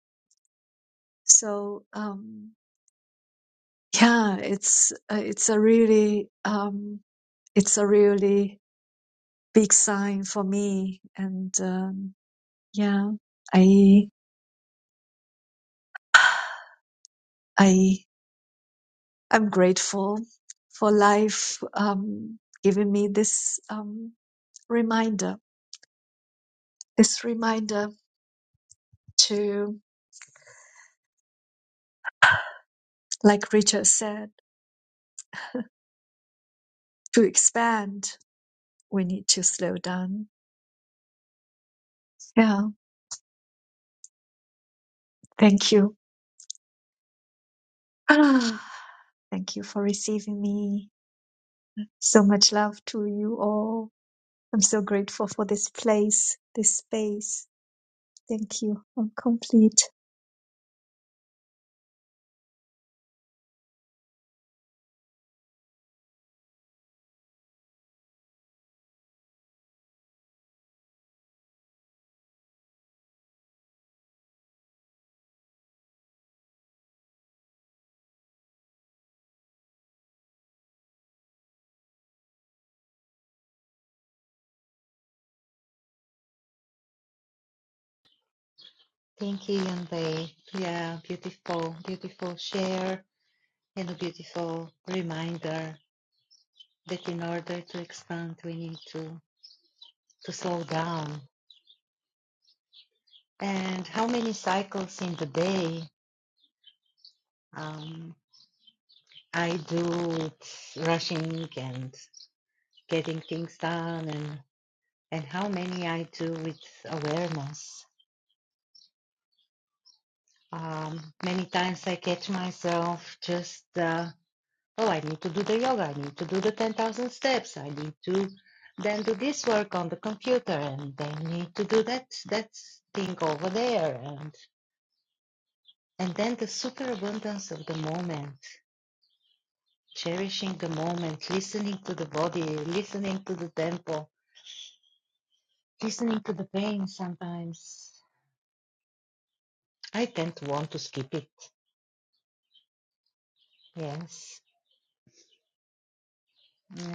[SPEAKER 4] So um, yeah, it's uh, it's a really um, it's a really big sign for me. And um, yeah, I I I'm grateful for life um, giving me this um, reminder, this reminder to, like Richard said, to expand. We need to slow down. Yeah, thank you. Ah, thank you for receiving me. So much love to you all. I'm so grateful for this place, this space Thank you. I'm complete.
[SPEAKER 2] thank you Yunbei. yeah beautiful beautiful share and a beautiful reminder that in order to expand, we need to, to slow down. And how many cycles in the day um, I do with rushing and getting things done, and, and how many I do with awareness. Um, many times I catch myself just uh, oh, I need to do the yoga, I need to do the 10,000 steps, I need to then do this work on the computer, and then need to do that, that thing over there. And, and then the superabundance of the moment, cherishing the moment, listening to the body, listening to the tempo, listening to the pain sometimes. I tend to want to skip it, yes.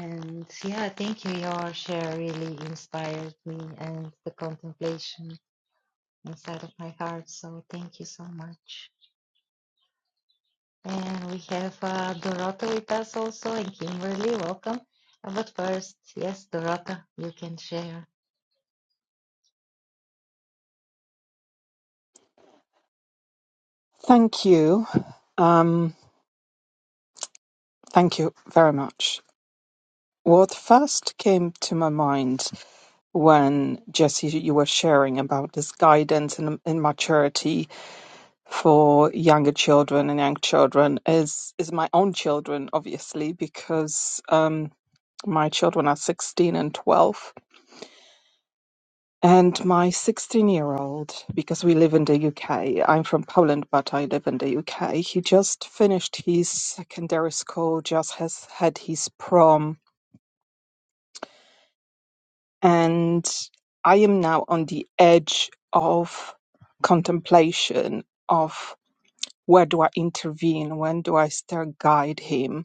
[SPEAKER 2] And yeah, thank you. Your share really inspired me and the contemplation. inside of my heart. So thank you so much. And we have uh, Dorota with us also, and Kimberly, welcome. Uh, But first, yes, Dorota, you can share.
[SPEAKER 5] Thank you. Um, thank you very much. What first came to my mind when Jesse, you were sharing about this guidance and, and maturity for younger children and young children is is my own children, obviously, because um, my children are sixteen and twelve, And my 16 year old, because we live in the UK, I'm from Poland, but I live in the UK. He just finished his secondary school, just has had his prom. And I am now on the edge of contemplation of where do I intervene? When do I start guide him?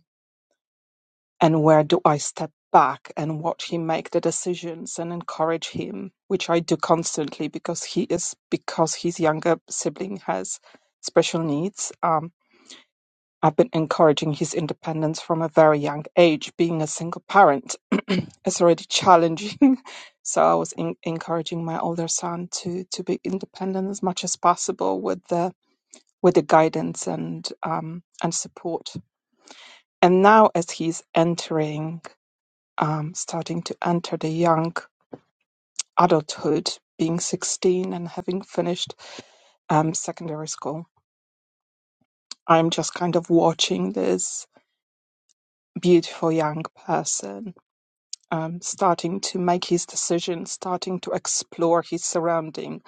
[SPEAKER 5] And where do I step back and watch him make the decisions and encourage him, which I do constantly because he is because his younger sibling has special needs. Um, I've been encouraging his independence from a very young age. Being a single parent is already challenging, so I was in- encouraging my older son to to be independent as much as possible with the with the guidance and um, and support. And now, as he's entering um, starting to enter the young adulthood, being 16 and having finished um, secondary school. I'm just kind of watching this beautiful young person um, starting to make his decisions, starting to explore his surrounding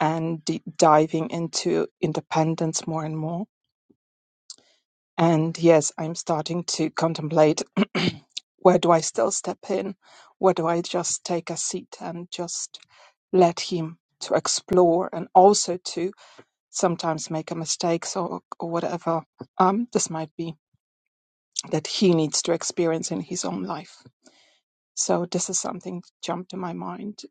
[SPEAKER 5] and d- diving into independence more and more. And yes, I'm starting to contemplate where do I still step in? Where do I just take a seat and just let him to explore and also to sometimes make a mistakes or, or whatever um, this might be that he needs to experience in his own life. So this is something that jumped in my mind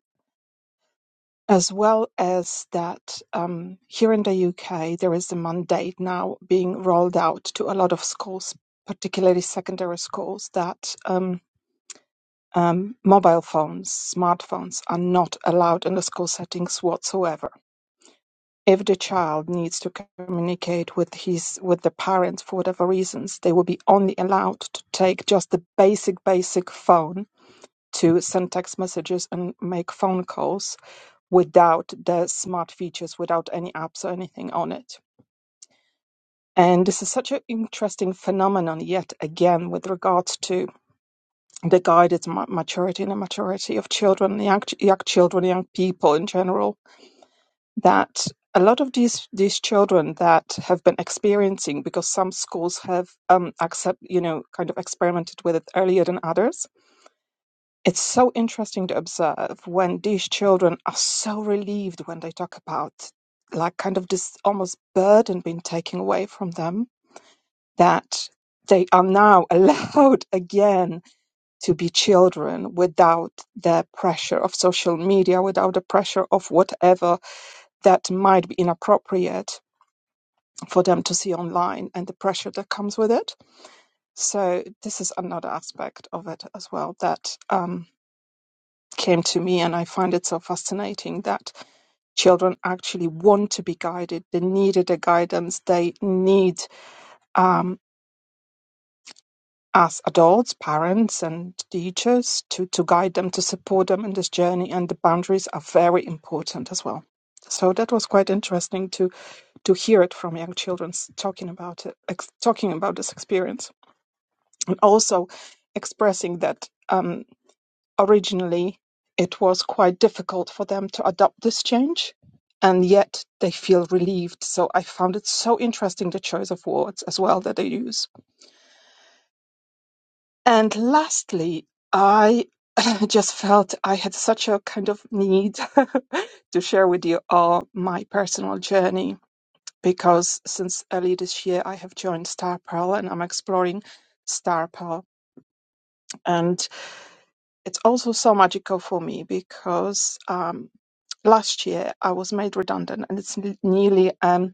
[SPEAKER 5] as well as that um, here in the UK, there is a mandate now being rolled out to a lot of schools, particularly secondary schools, that um, um, mobile phones, smartphones are not allowed in the school settings whatsoever. If the child needs to communicate with his with the parents for whatever reasons, they will be only allowed to take just the basic basic phone to send text messages and make phone calls without the smart features, without any apps or anything on it. And this is such an interesting phenomenon, yet again, with regards to the guided ma- maturity and maturity of children, young, ch- young children, young people in general, that a lot of these, these children that have been experiencing, because some schools have um, accept, you know, kind of experimented with it earlier than others, It's so interesting to observe when these children are so relieved when they talk about, like, kind of this almost burden being taken away from them that they are now allowed again to be children without the pressure of social media, without the pressure of whatever that might be inappropriate for them to see online and the pressure that comes with it. So this is another aspect of it as well that um, came to me, and I find it so fascinating that children actually want to be guided. They needed a guidance. They need um, us adults, parents, and teachers to, to guide them, to support them in this journey. And the boundaries are very important as well. So that was quite interesting to to hear it from young children s- talking about it, ex- talking about this experience, and also expressing that. Um, Originally, it was quite difficult for them to adopt this change, and yet they feel relieved. So I found it so interesting the choice of words as well that they use. And lastly, I just felt I had such a kind of need to share with you all my personal journey because since early this year I have joined Star Pearl and I'm exploring Star Pearl. And it's also so magical for me because um, last year I was made redundant, and it's n- nearly um,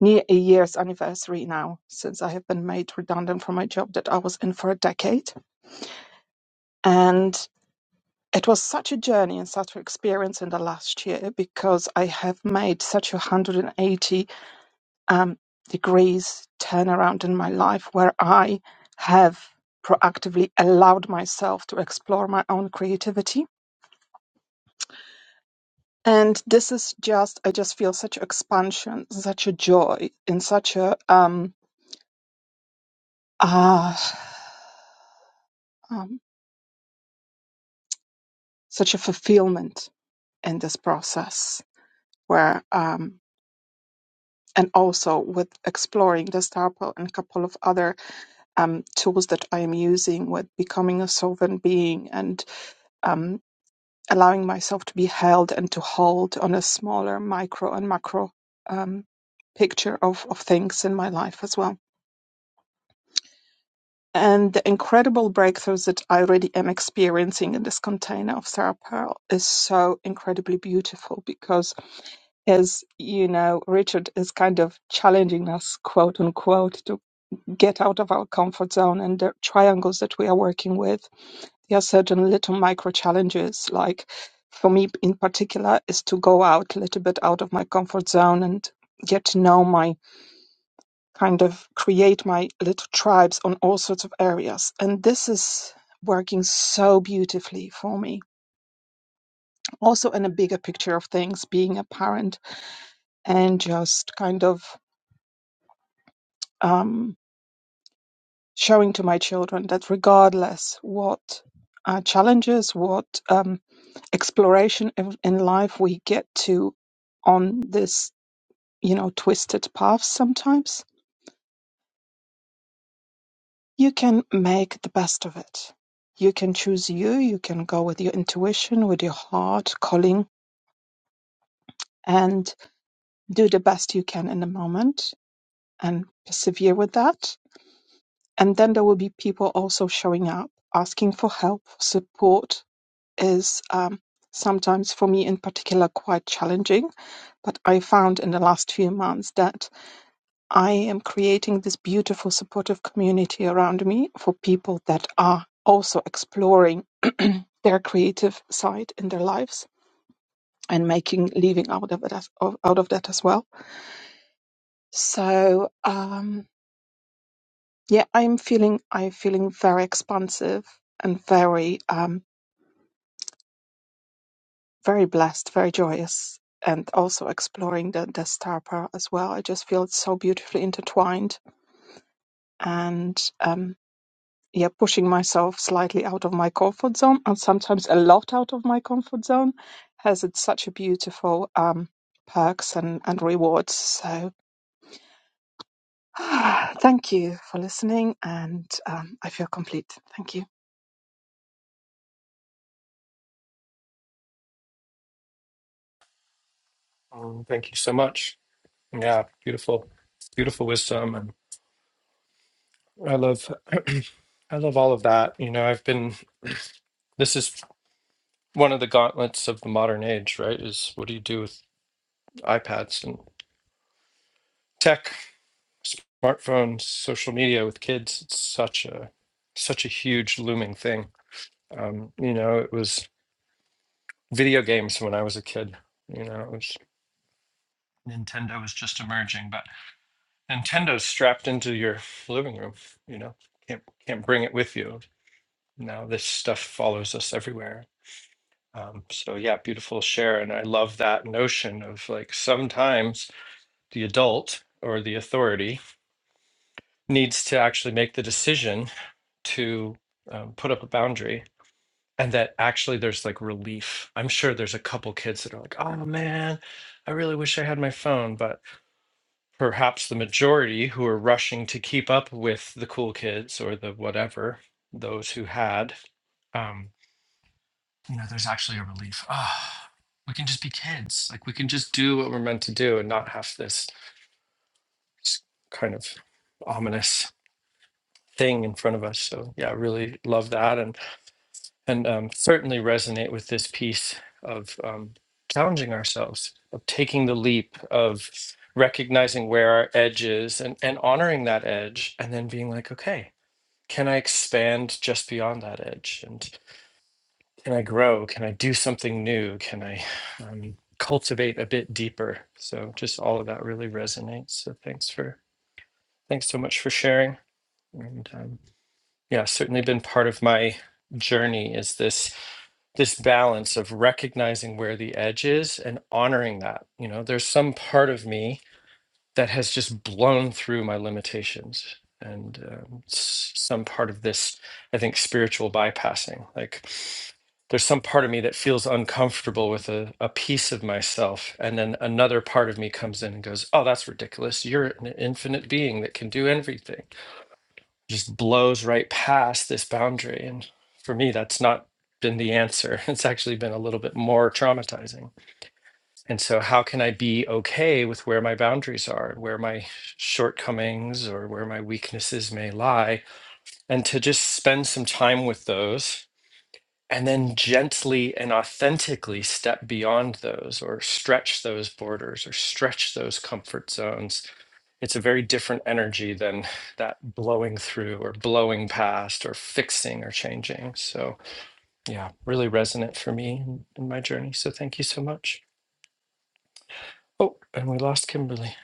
[SPEAKER 5] near a year's anniversary now since I have been made redundant from my job that I was in for a decade. And it was such a journey and such an experience in the last year because I have made such a 180 um, degrees turnaround in my life where I have proactively allowed myself to explore my own creativity And this is just, I just feel such expansion, such a joy, and such a, um, ah, um, such a fulfillment in this process where, um, and also with exploring the star Pearl and a couple of other um, tools that I am using with becoming a sovereign being and um, allowing myself to be held and to hold on a smaller micro and macro um, picture of, of things in my life as well. And the incredible breakthroughs that I already am experiencing in this container of Sarah Pearl is so incredibly beautiful because, as you know, Richard is kind of challenging us, quote unquote, to get out of our comfort zone and the triangles that we are working with. There are certain little micro challenges, like for me in particular, is to go out a little bit out of my comfort zone and get to know my kind of create my little tribes on all sorts of areas. And this is working so beautifully for me. Also, in a bigger picture of things, being a parent and just kind of um, showing to my children that regardless what uh, challenges, what um, exploration in in life we get to on this, you know, twisted path sometimes you can make the best of it. You can choose you, you can go with your intuition, with your heart calling, and do the best you can in the moment and persevere with that. And then there will be people also showing up, asking for help, support is um, sometimes for me in particular quite challenging. But I found in the last few months that I am creating this beautiful supportive community around me for people that are also exploring their creative side in their lives and making living out of that of- out of that as well. So um, yeah, I'm feeling I'm feeling very expansive and very um, very blessed, very joyous, and also exploring the the star power as well. I just feel it's so beautifully intertwined and. um, yeah, pushing myself slightly out of my comfort zone and sometimes a lot out of my comfort zone has its such a beautiful um, perks and, and rewards. So thank you for listening and um, I feel complete. Thank you.
[SPEAKER 1] Um, thank you so much. Yeah, beautiful, beautiful wisdom, and I love, I love all of that. You know, I've been. This is one of the gauntlets of the modern age, right? Is what do you do with iPads and tech, smartphones, social media with kids? It's such a, such a huge looming thing. Um, you know, it was video games when I was a kid. You know, it was Nintendo was just emerging, but Nintendo's strapped into your living room. You know, can't can't bring it with you. Now this stuff follows us everywhere. Um, so yeah, beautiful share, and I love that notion of like sometimes the adult or the authority needs to actually make the decision to um, put up a boundary, and that actually there's like relief. I'm sure there's a couple kids that are like, "Oh man, I really wish I had my phone," but perhaps the majority who were rushing to keep up with the cool kids or the whatever those who had um you know there's actually a relief ah we can just be kids like we can just do what we're meant to do and not have this s- kind of ominous thing in front of us so yeah I really love that and and um, certainly resonate with this piece of um, challenging ourselves, of taking the leap, of recognizing where our edge is and, and honoring that edge, and then being like, okay, can I expand just beyond that edge? And can I grow? Can I do something new? Can I um, cultivate a bit deeper? So just all of that really resonates. So thanks for thanks so much for sharing and um, yeah, certainly been part of my journey is this this balance of recognizing where the edge is and honoring that. You know, there's some part of me that has just blown through my limitations. And um, s- some part of this, I think, spiritual bypassing. Like, there's some part of me that feels uncomfortable with a, a piece of myself. And then another part of me comes in and goes, Oh, that's ridiculous. You're an infinite being that can do everything just blows right past this boundary. And for me, that's not been the answer. It's actually been a little bit more traumatizing. And so, how can I be okay with where my boundaries are, where my shortcomings or where my weaknesses may lie, and to just spend some time with those and then gently and authentically step beyond those or stretch those borders or stretch those comfort zones it's a very different energy than that blowing through or blowing past or fixing or changing so yeah really resonant for me in, in my journey so thank you so much oh and we lost kimberly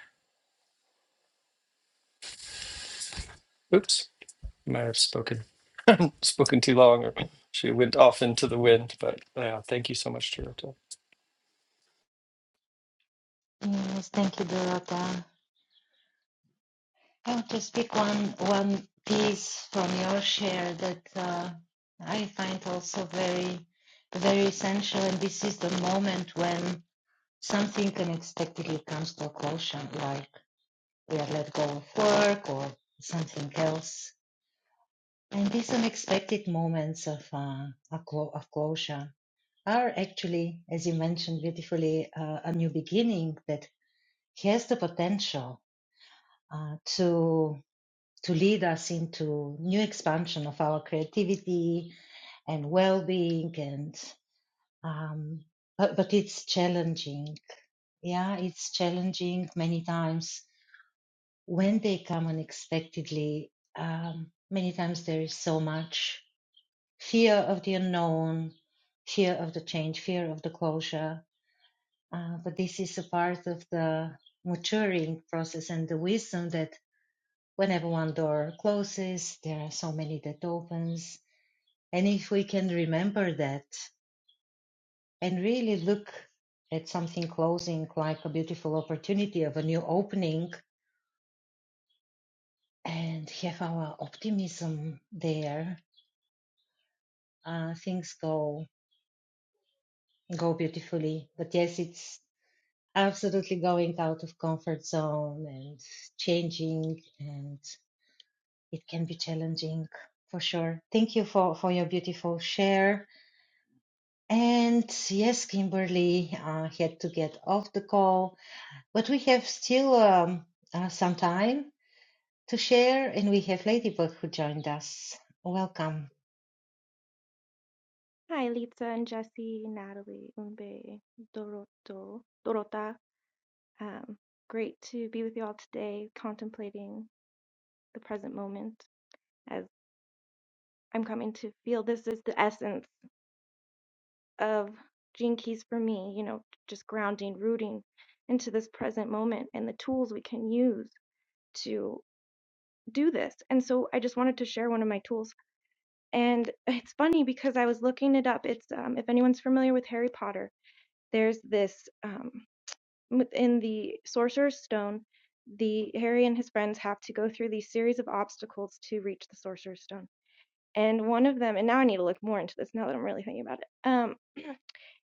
[SPEAKER 1] oops might have spoken spoken too long or she went off into the wind but yeah thank you so much Toronto.
[SPEAKER 2] Yes, thank you, Dorota. I want to speak one one piece from your share that uh, I find also very, very essential, and this is the moment when something unexpectedly comes to a closure, like we are let go of work or something else And these unexpected moments of uh, a clo- of closure are actually, as you mentioned beautifully, uh, a new beginning that has the potential uh, to to lead us into new expansion of our creativity and well-being and um, but, but it's challenging yeah it's challenging many times when they come unexpectedly um, many times there is so much fear of the unknown, fear of the change, fear of the closure. Uh, but this is a part of the maturing process and the wisdom that whenever one door closes, there are so many that opens. And if we can remember that and really look at something closing like a beautiful opportunity of a new opening and have our optimism there, uh, things go go beautifully. But yes, it's absolutely going out of comfort zone and changing and it can be challenging for sure thank you for for your beautiful share and yes kimberly uh, had to get off the call but we have still um, uh, some time to share and we have ladybug who joined us welcome
[SPEAKER 6] Hi, Lisa and Jesse, Natalie, Umbe, Doroto, Dorota. Um, great to be with you all today, contemplating the present moment as I'm coming to feel this is the essence of Gene Keys for me, you know, just grounding, rooting into this present moment and the tools we can use to do this. And so I just wanted to share one of my tools. And it's funny because I was looking it up. It's um, if anyone's familiar with Harry Potter, there's this. Um, within the Sorcerer's Stone, the Harry and his friends have to go through these series of obstacles to reach the Sorcerer's Stone. And one of them, and now I need to look more into this now that I'm really thinking about it. Um,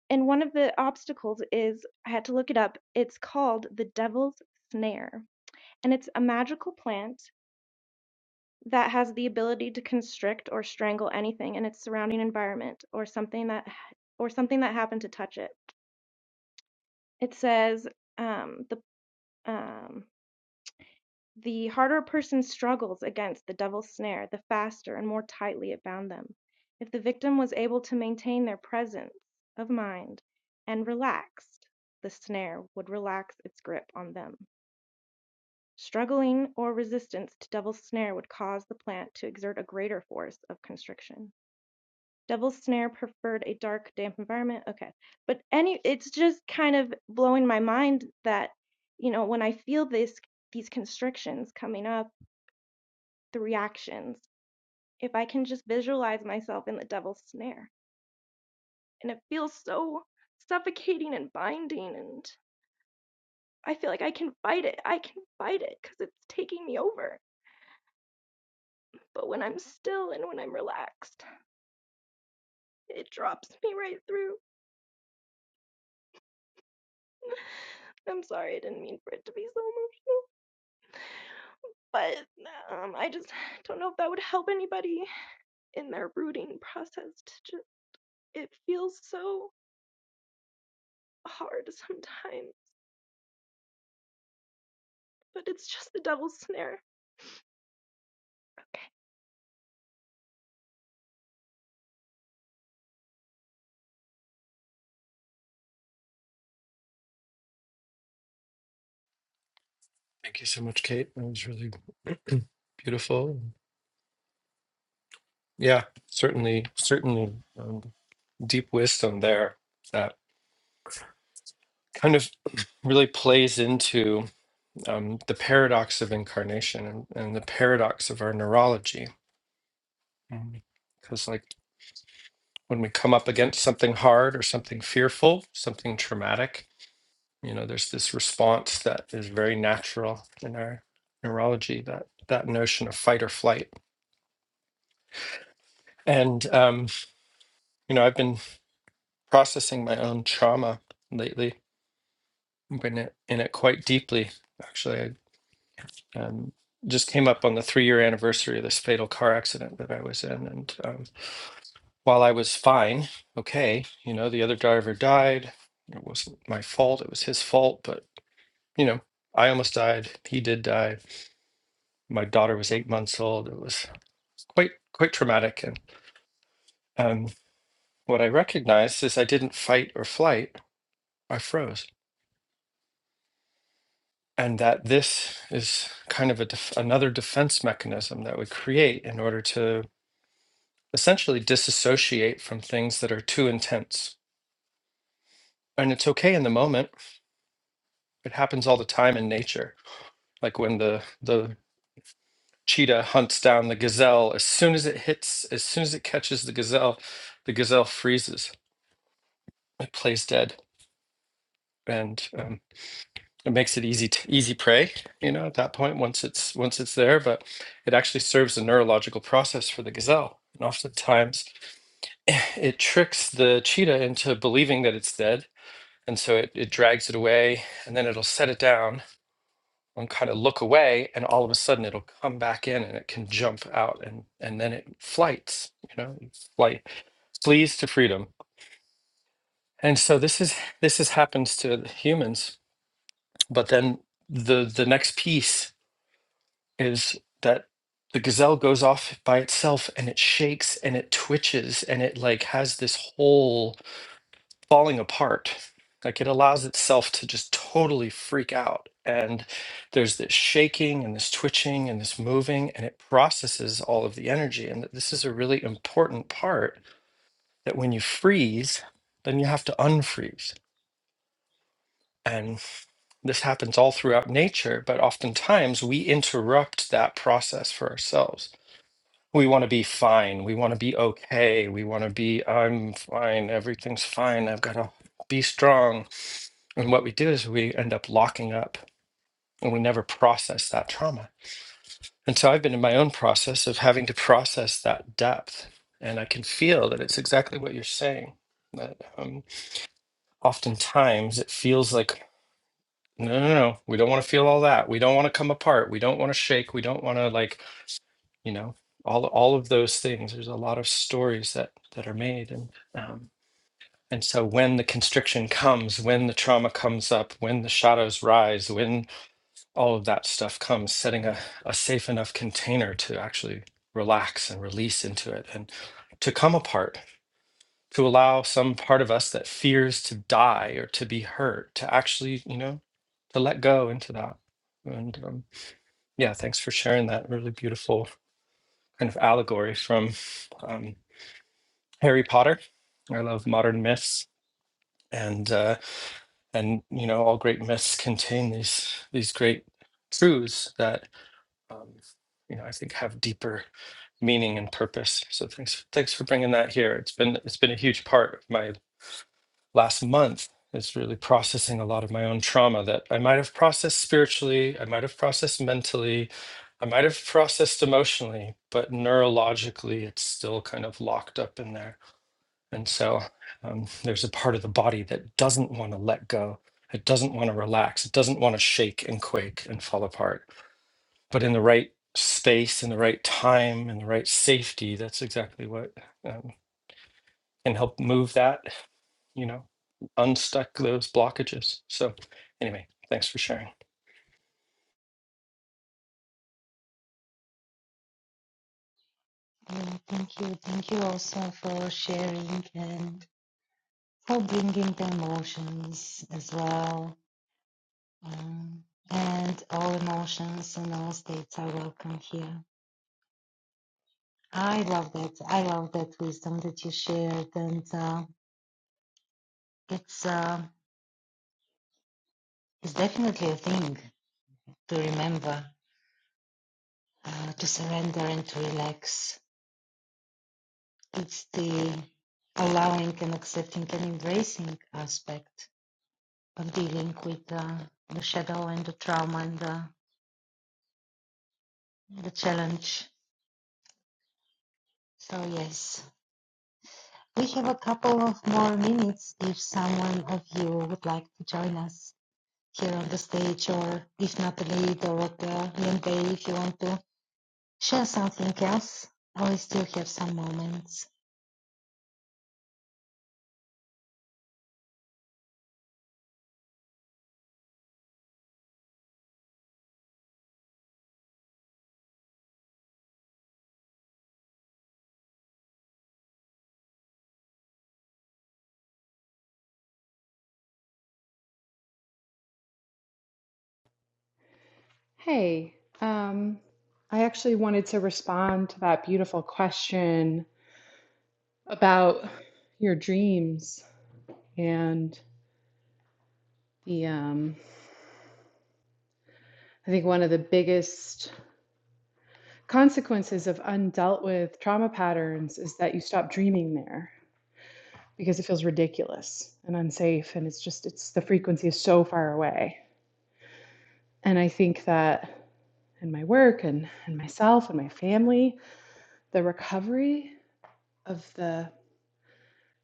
[SPEAKER 6] and one of the obstacles is I had to look it up. It's called the Devil's Snare, and it's a magical plant that has the ability to constrict or strangle anything in its surrounding environment or something that or something that happened to touch it. It says um, the um, The harder a person struggles against the devil's snare, the faster and more tightly it bound them. If the victim was able to maintain their presence of mind and relaxed, the snare would relax its grip on them. Struggling or resistance to devil's snare would cause the plant to exert a greater force of constriction. Devil's snare preferred a dark, damp environment. Okay. But any it's just kind of blowing my mind that, you know, when I feel this these constrictions coming up the reactions if I can just visualize myself in the devil's snare. And it feels so suffocating and binding. And I feel like I can fight it. I can fight it because it's taking me over. But when I'm still and when I'm relaxed, it drops me right through. I'm sorry, I didn't mean for it to be so emotional. But um, I just don't know if that would help anybody in their rooting process. To just, it feels so hard sometimes, but it's just the devil's snare
[SPEAKER 1] thank you so much kate that was really beautiful Yeah, certainly, certainly um, deep wisdom there that kind of really plays into um, the paradox of incarnation and, and the paradox of our neurology. Because, like, when we come up against something hard or something fearful, something traumatic, you know, there's this response that is very natural in our neurology that that notion of fight or flight. And, um, you know, I've been processing my own trauma lately been i- in it quite deeply. Actually, I um, just came up on the three-year anniversary of this fatal car accident that I was in, and um, while I was fine, okay, you know, the other driver died. It wasn't my fault; it was his fault. But you know, I almost died. He did die. My daughter was eight months old. It was quite quite traumatic. And um, what I recognized is I didn't fight or flight. I froze. and that this is kind of a def- another defense mechanism that we create in order to essentially disassociate from things that are too intense and it's okay in the moment it happens all the time in nature like when the the cheetah hunts down the gazelle as soon as it hits as soon as it catches the gazelle the gazelle freezes it plays dead and um, it makes it easy t easy prey you know at that point once it's once it's there but it actually serves a neurological process for the gazelle and oftentimes it tricks the cheetah into believing that it's dead and so it, it drags it away and then it'll set it down and kind of look away and all of a sudden it'll come back in and it can jump out and and then it flights you know it flight flees to freedom and so this is this is happens to humans but then the the next piece is that the gazelle goes off by itself and it shakes and it twitches and it like has this whole falling apart. Like it allows itself to just totally freak out. And there's this shaking and this twitching and this moving, and it processes all of the energy. And this is a really important part that when you freeze, then you have to unfreeze. And this happens all throughout nature, but oftentimes we interrupt that process for ourselves we want to be fine. We want to be okay. We want to be, I'm fine. Everything's fine. I've got to be strong. And what we do is we end up locking up and we never process that trauma. And so I've been in my own process of having to process that depth. And I can feel that it's exactly what you're saying. That um, oftentimes it feels like, no, no, no, we don't want to feel all that. We don't want to come apart. We don't want to shake. We don't want to like you know all all of those things there's a lot of stories that that are made and um and so when the constriction comes when the trauma comes up when the shadows rise when all of that stuff comes setting a, a safe enough container to actually relax and release into it and to come apart to allow some part of us that fears to die or to be hurt to actually you know to let go into that and um, yeah thanks for sharing that really beautiful kind of allegory from um, Harry Potter. I love modern myths, and uh, and you know all great myths contain these these great truths that um, you know I think have deeper meaning and purpose. So thanks thanks for bringing that here. It's been it's been a huge part of my last month is really processing a lot of my own trauma that I might have processed spiritually, I might have processed mentally, I might have processed emotionally, but neurologically, it's still kind of locked up in there. And so um, there's a part of the body that doesn't want to let go. It doesn't want to relax. It doesn't want to shake and quake and fall apart. But in the right space, in the right time, in the right safety, that's exactly what um, can help move that you know, unstuck those blockages. So anyway, thanks for sharing.
[SPEAKER 2] Yeah, thank you. Thank you also for sharing and for bringing the emotions as well. Um, and all emotions and all states are welcome here. I love that. I love that wisdom that you shared, and uh, it's uh, it's definitely a thing to remember, uh, to surrender and to relax. It's the allowing and accepting and embracing aspect of dealing with uh, the shadow and the trauma and the, the challenge. So yes. We have a couple of more minutes if someone of you would like to join us here on the stage, or if Natalie or at the end day, if you want to share something else, or we still have some moments.
[SPEAKER 3] Hey, um, I actually wanted to respond to that beautiful question about your dreams and the, um, I think one of the biggest consequences of undealt with trauma patterns is that you stop dreaming there because it feels ridiculous and unsafe and it's just it's the frequency is so far away And I think that in my work and, and myself and my family, the recovery of the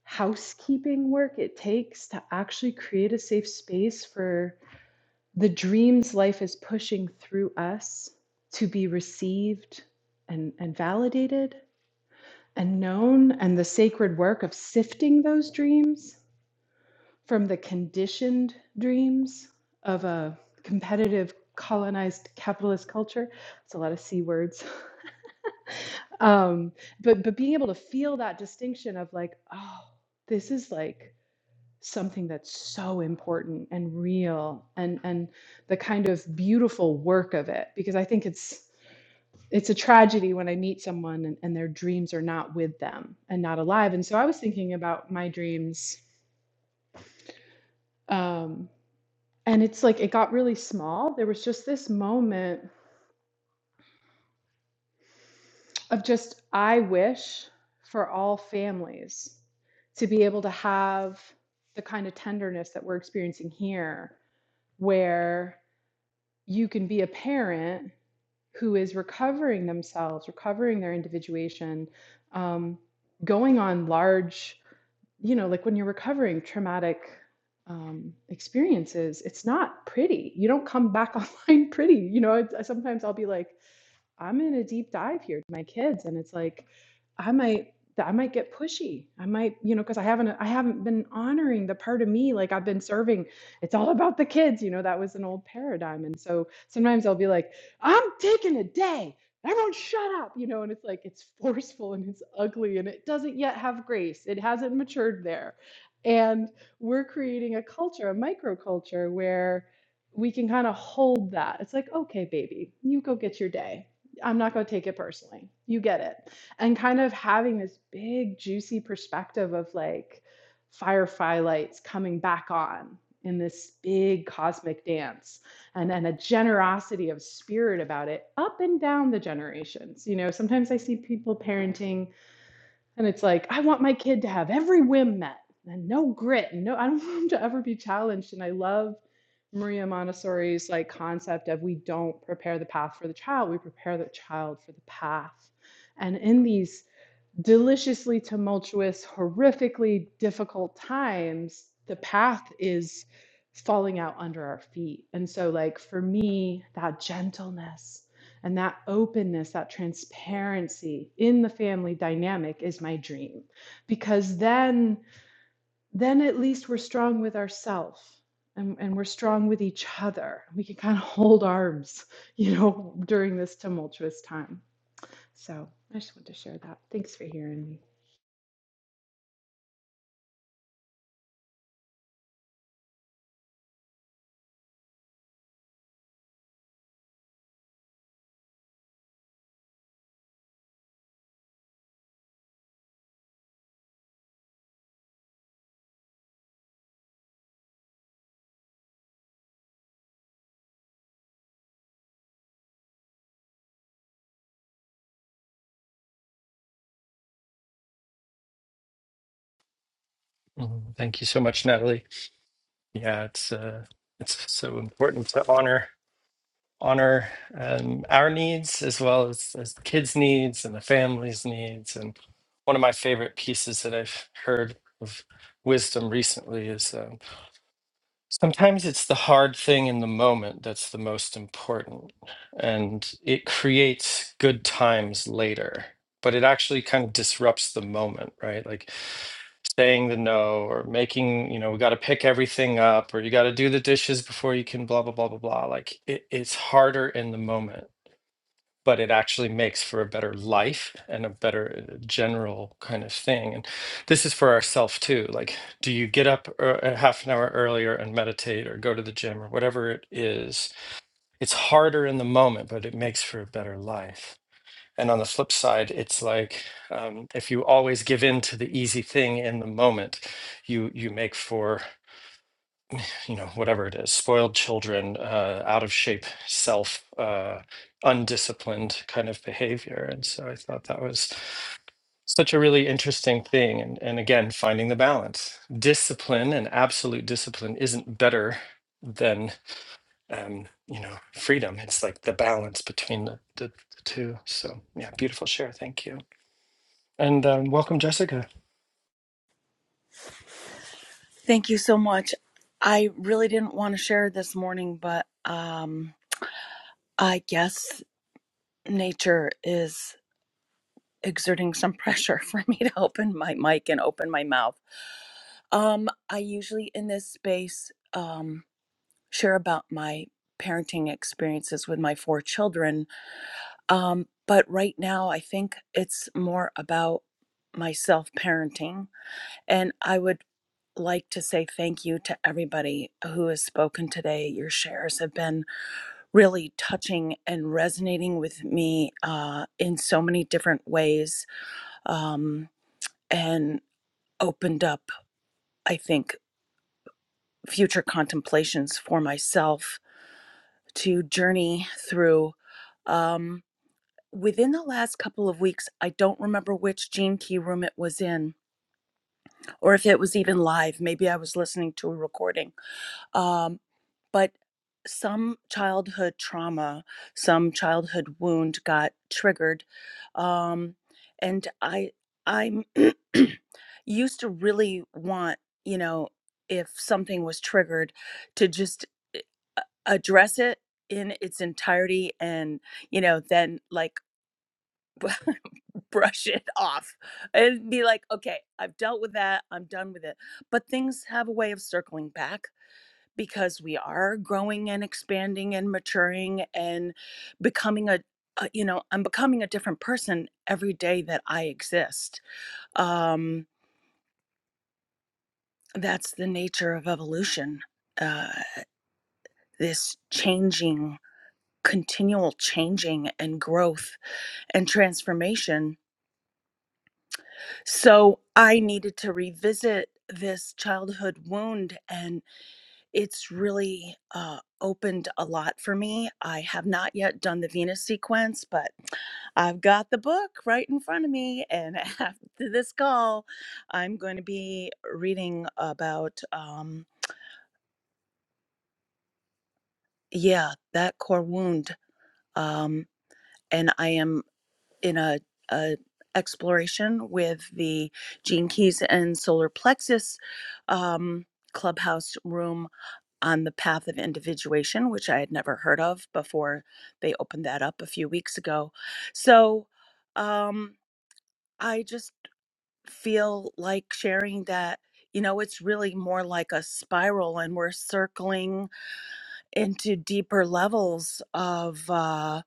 [SPEAKER 3] housekeeping work it takes to actually create a safe space for the dreams life is pushing through us to be received and, and validated and known, and the sacred work of sifting those dreams from the conditioned dreams of a competitive, colonized, capitalist culture. It's a lot of C words. um but but being able to feel that distinction of like oh this is like something that's so important and real and and the kind of beautiful work of it because i think it's it's a tragedy when i meet someone and, and their dreams are not with them and not alive and so i was thinking about my dreams um and it's like it got really small there was just this moment of just, I wish for all families to be able to have the kind of tenderness that we're experiencing here, where you can be a parent who is recovering themselves, recovering their individuation, um, going on large, you know, like when you're recovering traumatic um, experiences, it's not pretty. You don't come back online pretty. You know, it's, sometimes I'll be like, I'm in a deep dive here to my kids and it's like I might I might get pushy. I might, you know, because I haven't I haven't been honoring the part of me like I've been serving. It's all about the kids, you know, that was an old paradigm. And so sometimes I'll be like, I'm taking a day. Everyone shut up, you know, and it's like it's forceful and it's ugly and it doesn't yet have grace. It hasn't matured there. And we're creating a culture, a microculture where we can kind of hold that. It's like, okay, baby, you go get your day. I'm not going to take it personally. You get it. And kind of having this big, juicy perspective of like firefly lights coming back on in this big cosmic dance and then a generosity of spirit about it up and down the generations. You know, sometimes I see people parenting and it's like, I want my kid to have every whim met and no grit and no, I don't want him to ever be challenged. And I love Maria Montessori's like concept of we don't prepare the path for the child, we prepare the child for the path. And in these deliciously tumultuous, horrifically difficult times, the path is falling out under our feet. And so, like, for me, that gentleness and that openness, that transparency in the family dynamic is my dream because then, then at least we're strong with ourselves. And, and we're strong with each other. We can kind of hold arms, you know, during this tumultuous time. So I just want to share that. Thanks for hearing me.
[SPEAKER 1] Mm, Thank you so much, Natalie. Yeah, it's uh, it's so important to honor honor um, our needs as well as, as the kids' needs and the family's needs. And one of my favorite pieces that I've heard of wisdom recently is. um, Sometimes it's the hard thing in the moment that's the most important, and it creates good times later, but it actually kind of disrupts the moment, right? Like saying the no or making, you know, we got to pick everything up or you got to do the dishes before you can blah, blah, blah, blah, blah. Like it, it's harder in the moment but it actually makes for a better life and a better uh, general kind of thing. And this is for ourself too. Like, do you get up uh, a half an hour earlier and meditate or go to the gym or whatever it is? It's harder in the moment, but it makes for a better life. And on the flip side, it's like um, if you always give in to the easy thing in the moment, you you make for you know whatever it is spoiled children uh, out of shape self uh, undisciplined kind of behavior and so i thought that was such a really interesting thing and, and again finding the balance discipline and absolute discipline isn't better than um, you know freedom it's like the balance between the, the, the two so yeah beautiful share thank you and um, welcome jessica
[SPEAKER 7] Thank you so much. I really didn't want to share this morning, but um, I guess nature is exerting some pressure for me to open my mic and open my mouth. Um, I usually in this space um, share about my parenting experiences with my four children, um, but right now I think it's more about myself parenting, and I would like to say thank you to everybody who has spoken today. Your shares have been really touching and resonating with me uh, in so many different ways um, and opened up, I think, future contemplations for myself to journey through. Um, within the last couple of weeks, I don't remember which Gene Key room it was in or if it was even live. Maybe I was listening to a recording Um, but some childhood trauma, some childhood wound got triggered. Um, and I, I'm used to really want, you know, if something was triggered, to just eh, a- address it in its entirety and, you know, then like brush it off and be like, okay, I've dealt with that. I'm done with it. But things have a way of circling back because we are growing and expanding and maturing and becoming a, a you know i'm becoming a different person every day that i exist um that's the nature of evolution uh this changing continual changing and growth and transformation so i needed to revisit this childhood wound and. It's really uh, opened a lot for me. I have not yet done the Venus sequence, but I've got the book right in front of me. And after this call, I'm going to be reading about, um, yeah, that core wound. Um, and I am in a, a exploration with the Gene Keys and Solar Plexus um, Clubhouse room on the path of individuation, which I had never heard of before they opened that up a few weeks ago. So um, I just feel like sharing that, you know, it's really more like a spiral and we're circling into deeper levels of uh,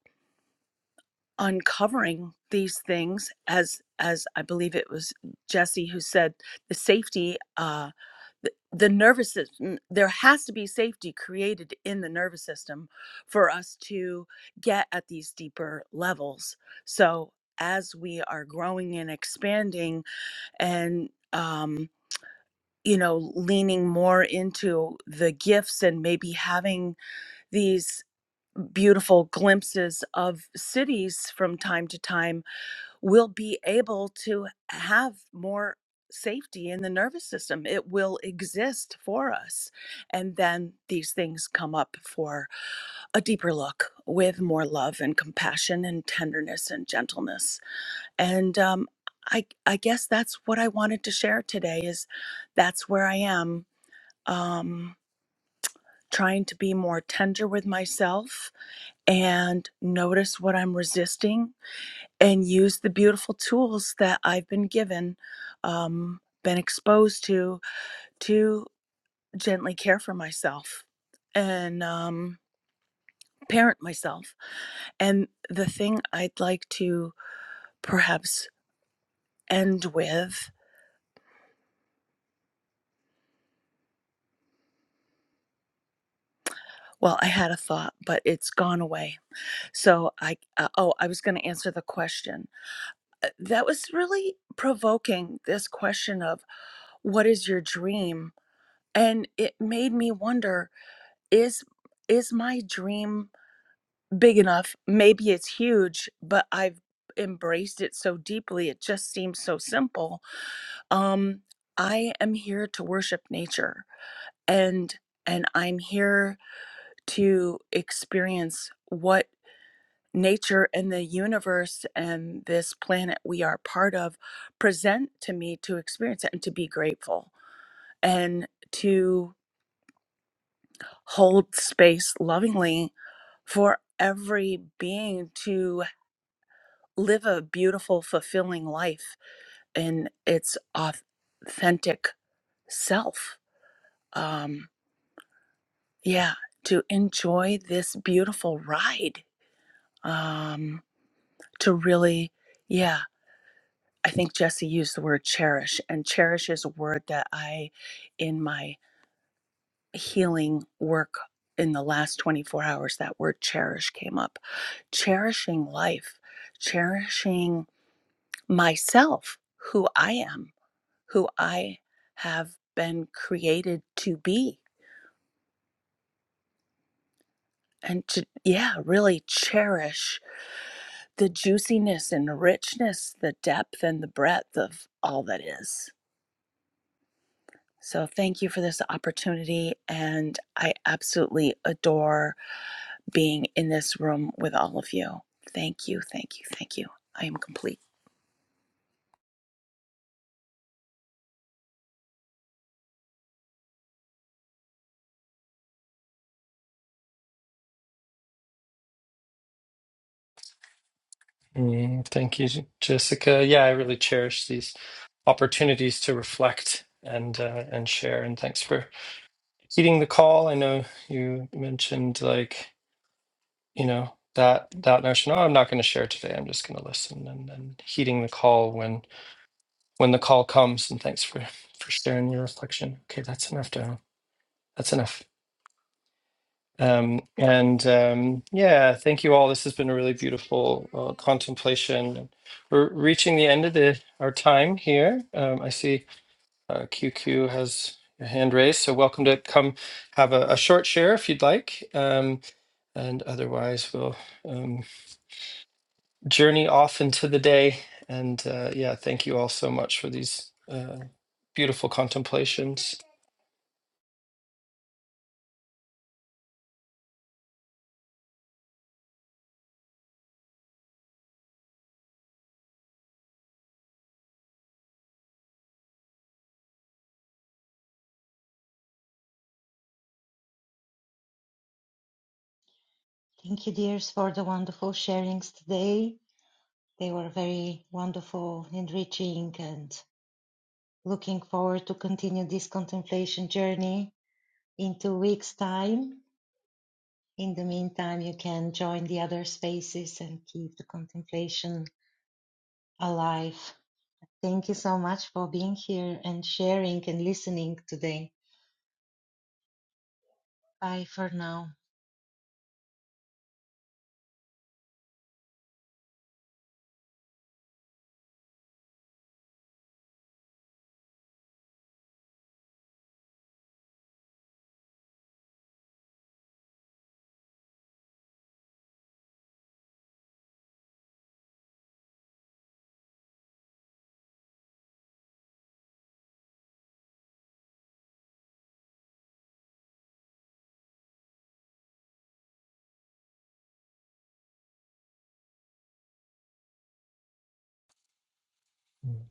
[SPEAKER 7] uncovering these things as as I believe it was Jesse who said the safety. Uh, th- the nervous system there has to be safety created in the nervous system for us to get at these deeper levels so as we are growing and expanding and um you know leaning more into the gifts and maybe having these beautiful glimpses of cities from time to time will be able to have more safety in the nervous system. It will exist for us. And then these things come up for a deeper look with more love and compassion and tenderness and gentleness. And um, I, I guess that's what I wanted to share today is that's where I am um, trying to be more tender with myself and notice what I'm resisting and use the beautiful tools that I've been given, um, been exposed to, to gently care for myself and um, parent myself. And the thing I'd like to perhaps end with. Well, I had a thought, but it's gone away. So I, uh, oh, I was going to answer the question. Uh, That was really provoking this question of what is your dream? And it made me wonder is is my dream big enough maybe it's huge but i've embraced it so deeply it just seems so simple um i am here to worship nature and and i'm here to experience what nature and the universe and this planet we are part of present to me to experience it and to be grateful and to. hold space lovingly for every being to live a beautiful, fulfilling life in its authentic self. Um, yeah, to enjoy this beautiful ride. Um, to really, yeah, I think Jesse used the word cherish, and cherish is a word that I, in my healing work in the last 24 hours that word cherish came up cherishing life cherishing myself who i am who i have been created to be and to yeah really cherish the juiciness and the richness the depth and the breadth of all that is so thank you for this opportunity and i absolutely adore being in this room with all of you. Thank you, thank you, thank you. I am complete.
[SPEAKER 1] Mm, thank you, Jessica. Yeah, I really cherish these opportunities to reflect and uh, and share. And thanks for heeding the call. I know you mentioned like you know that that notion. Oh, I'm not going to share today. I'm just going to listen and and heeding the call when when the call comes. And thanks for for sharing your reflection. Okay, that's enough, Daryl. That's enough. Um, and um, yeah, thank you all. This has been a really beautiful uh, contemplation. We're reaching the end of the our time here. Um, I see uh, QQ has your hand raised, so welcome to come have a, a short share if you'd like. Um, and otherwise, we'll um, journey off into the day. And uh, yeah, thank you all so much for these uh, beautiful contemplations.
[SPEAKER 2] Thank you, dears, for the wonderful sharings today. They were very wonderful, enriching, and looking forward to continue this contemplation journey in two weeks' time. In the meantime, you can join the other spaces and keep the contemplation alive. Thank you so much for being here and sharing and listening today. Bye for now.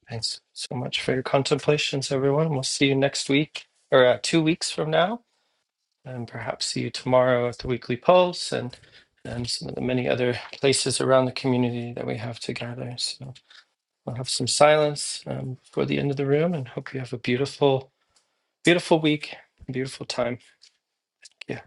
[SPEAKER 1] Thanks so much for your contemplations, everyone. We'll see you next week or uh, two weeks from now, and perhaps see you tomorrow at the Weekly Pulse and, and some of the many other places around the community that we have to gather. So we'll have some silence um, before the end of the room and hope you have a beautiful, beautiful week, beautiful time. Yeah.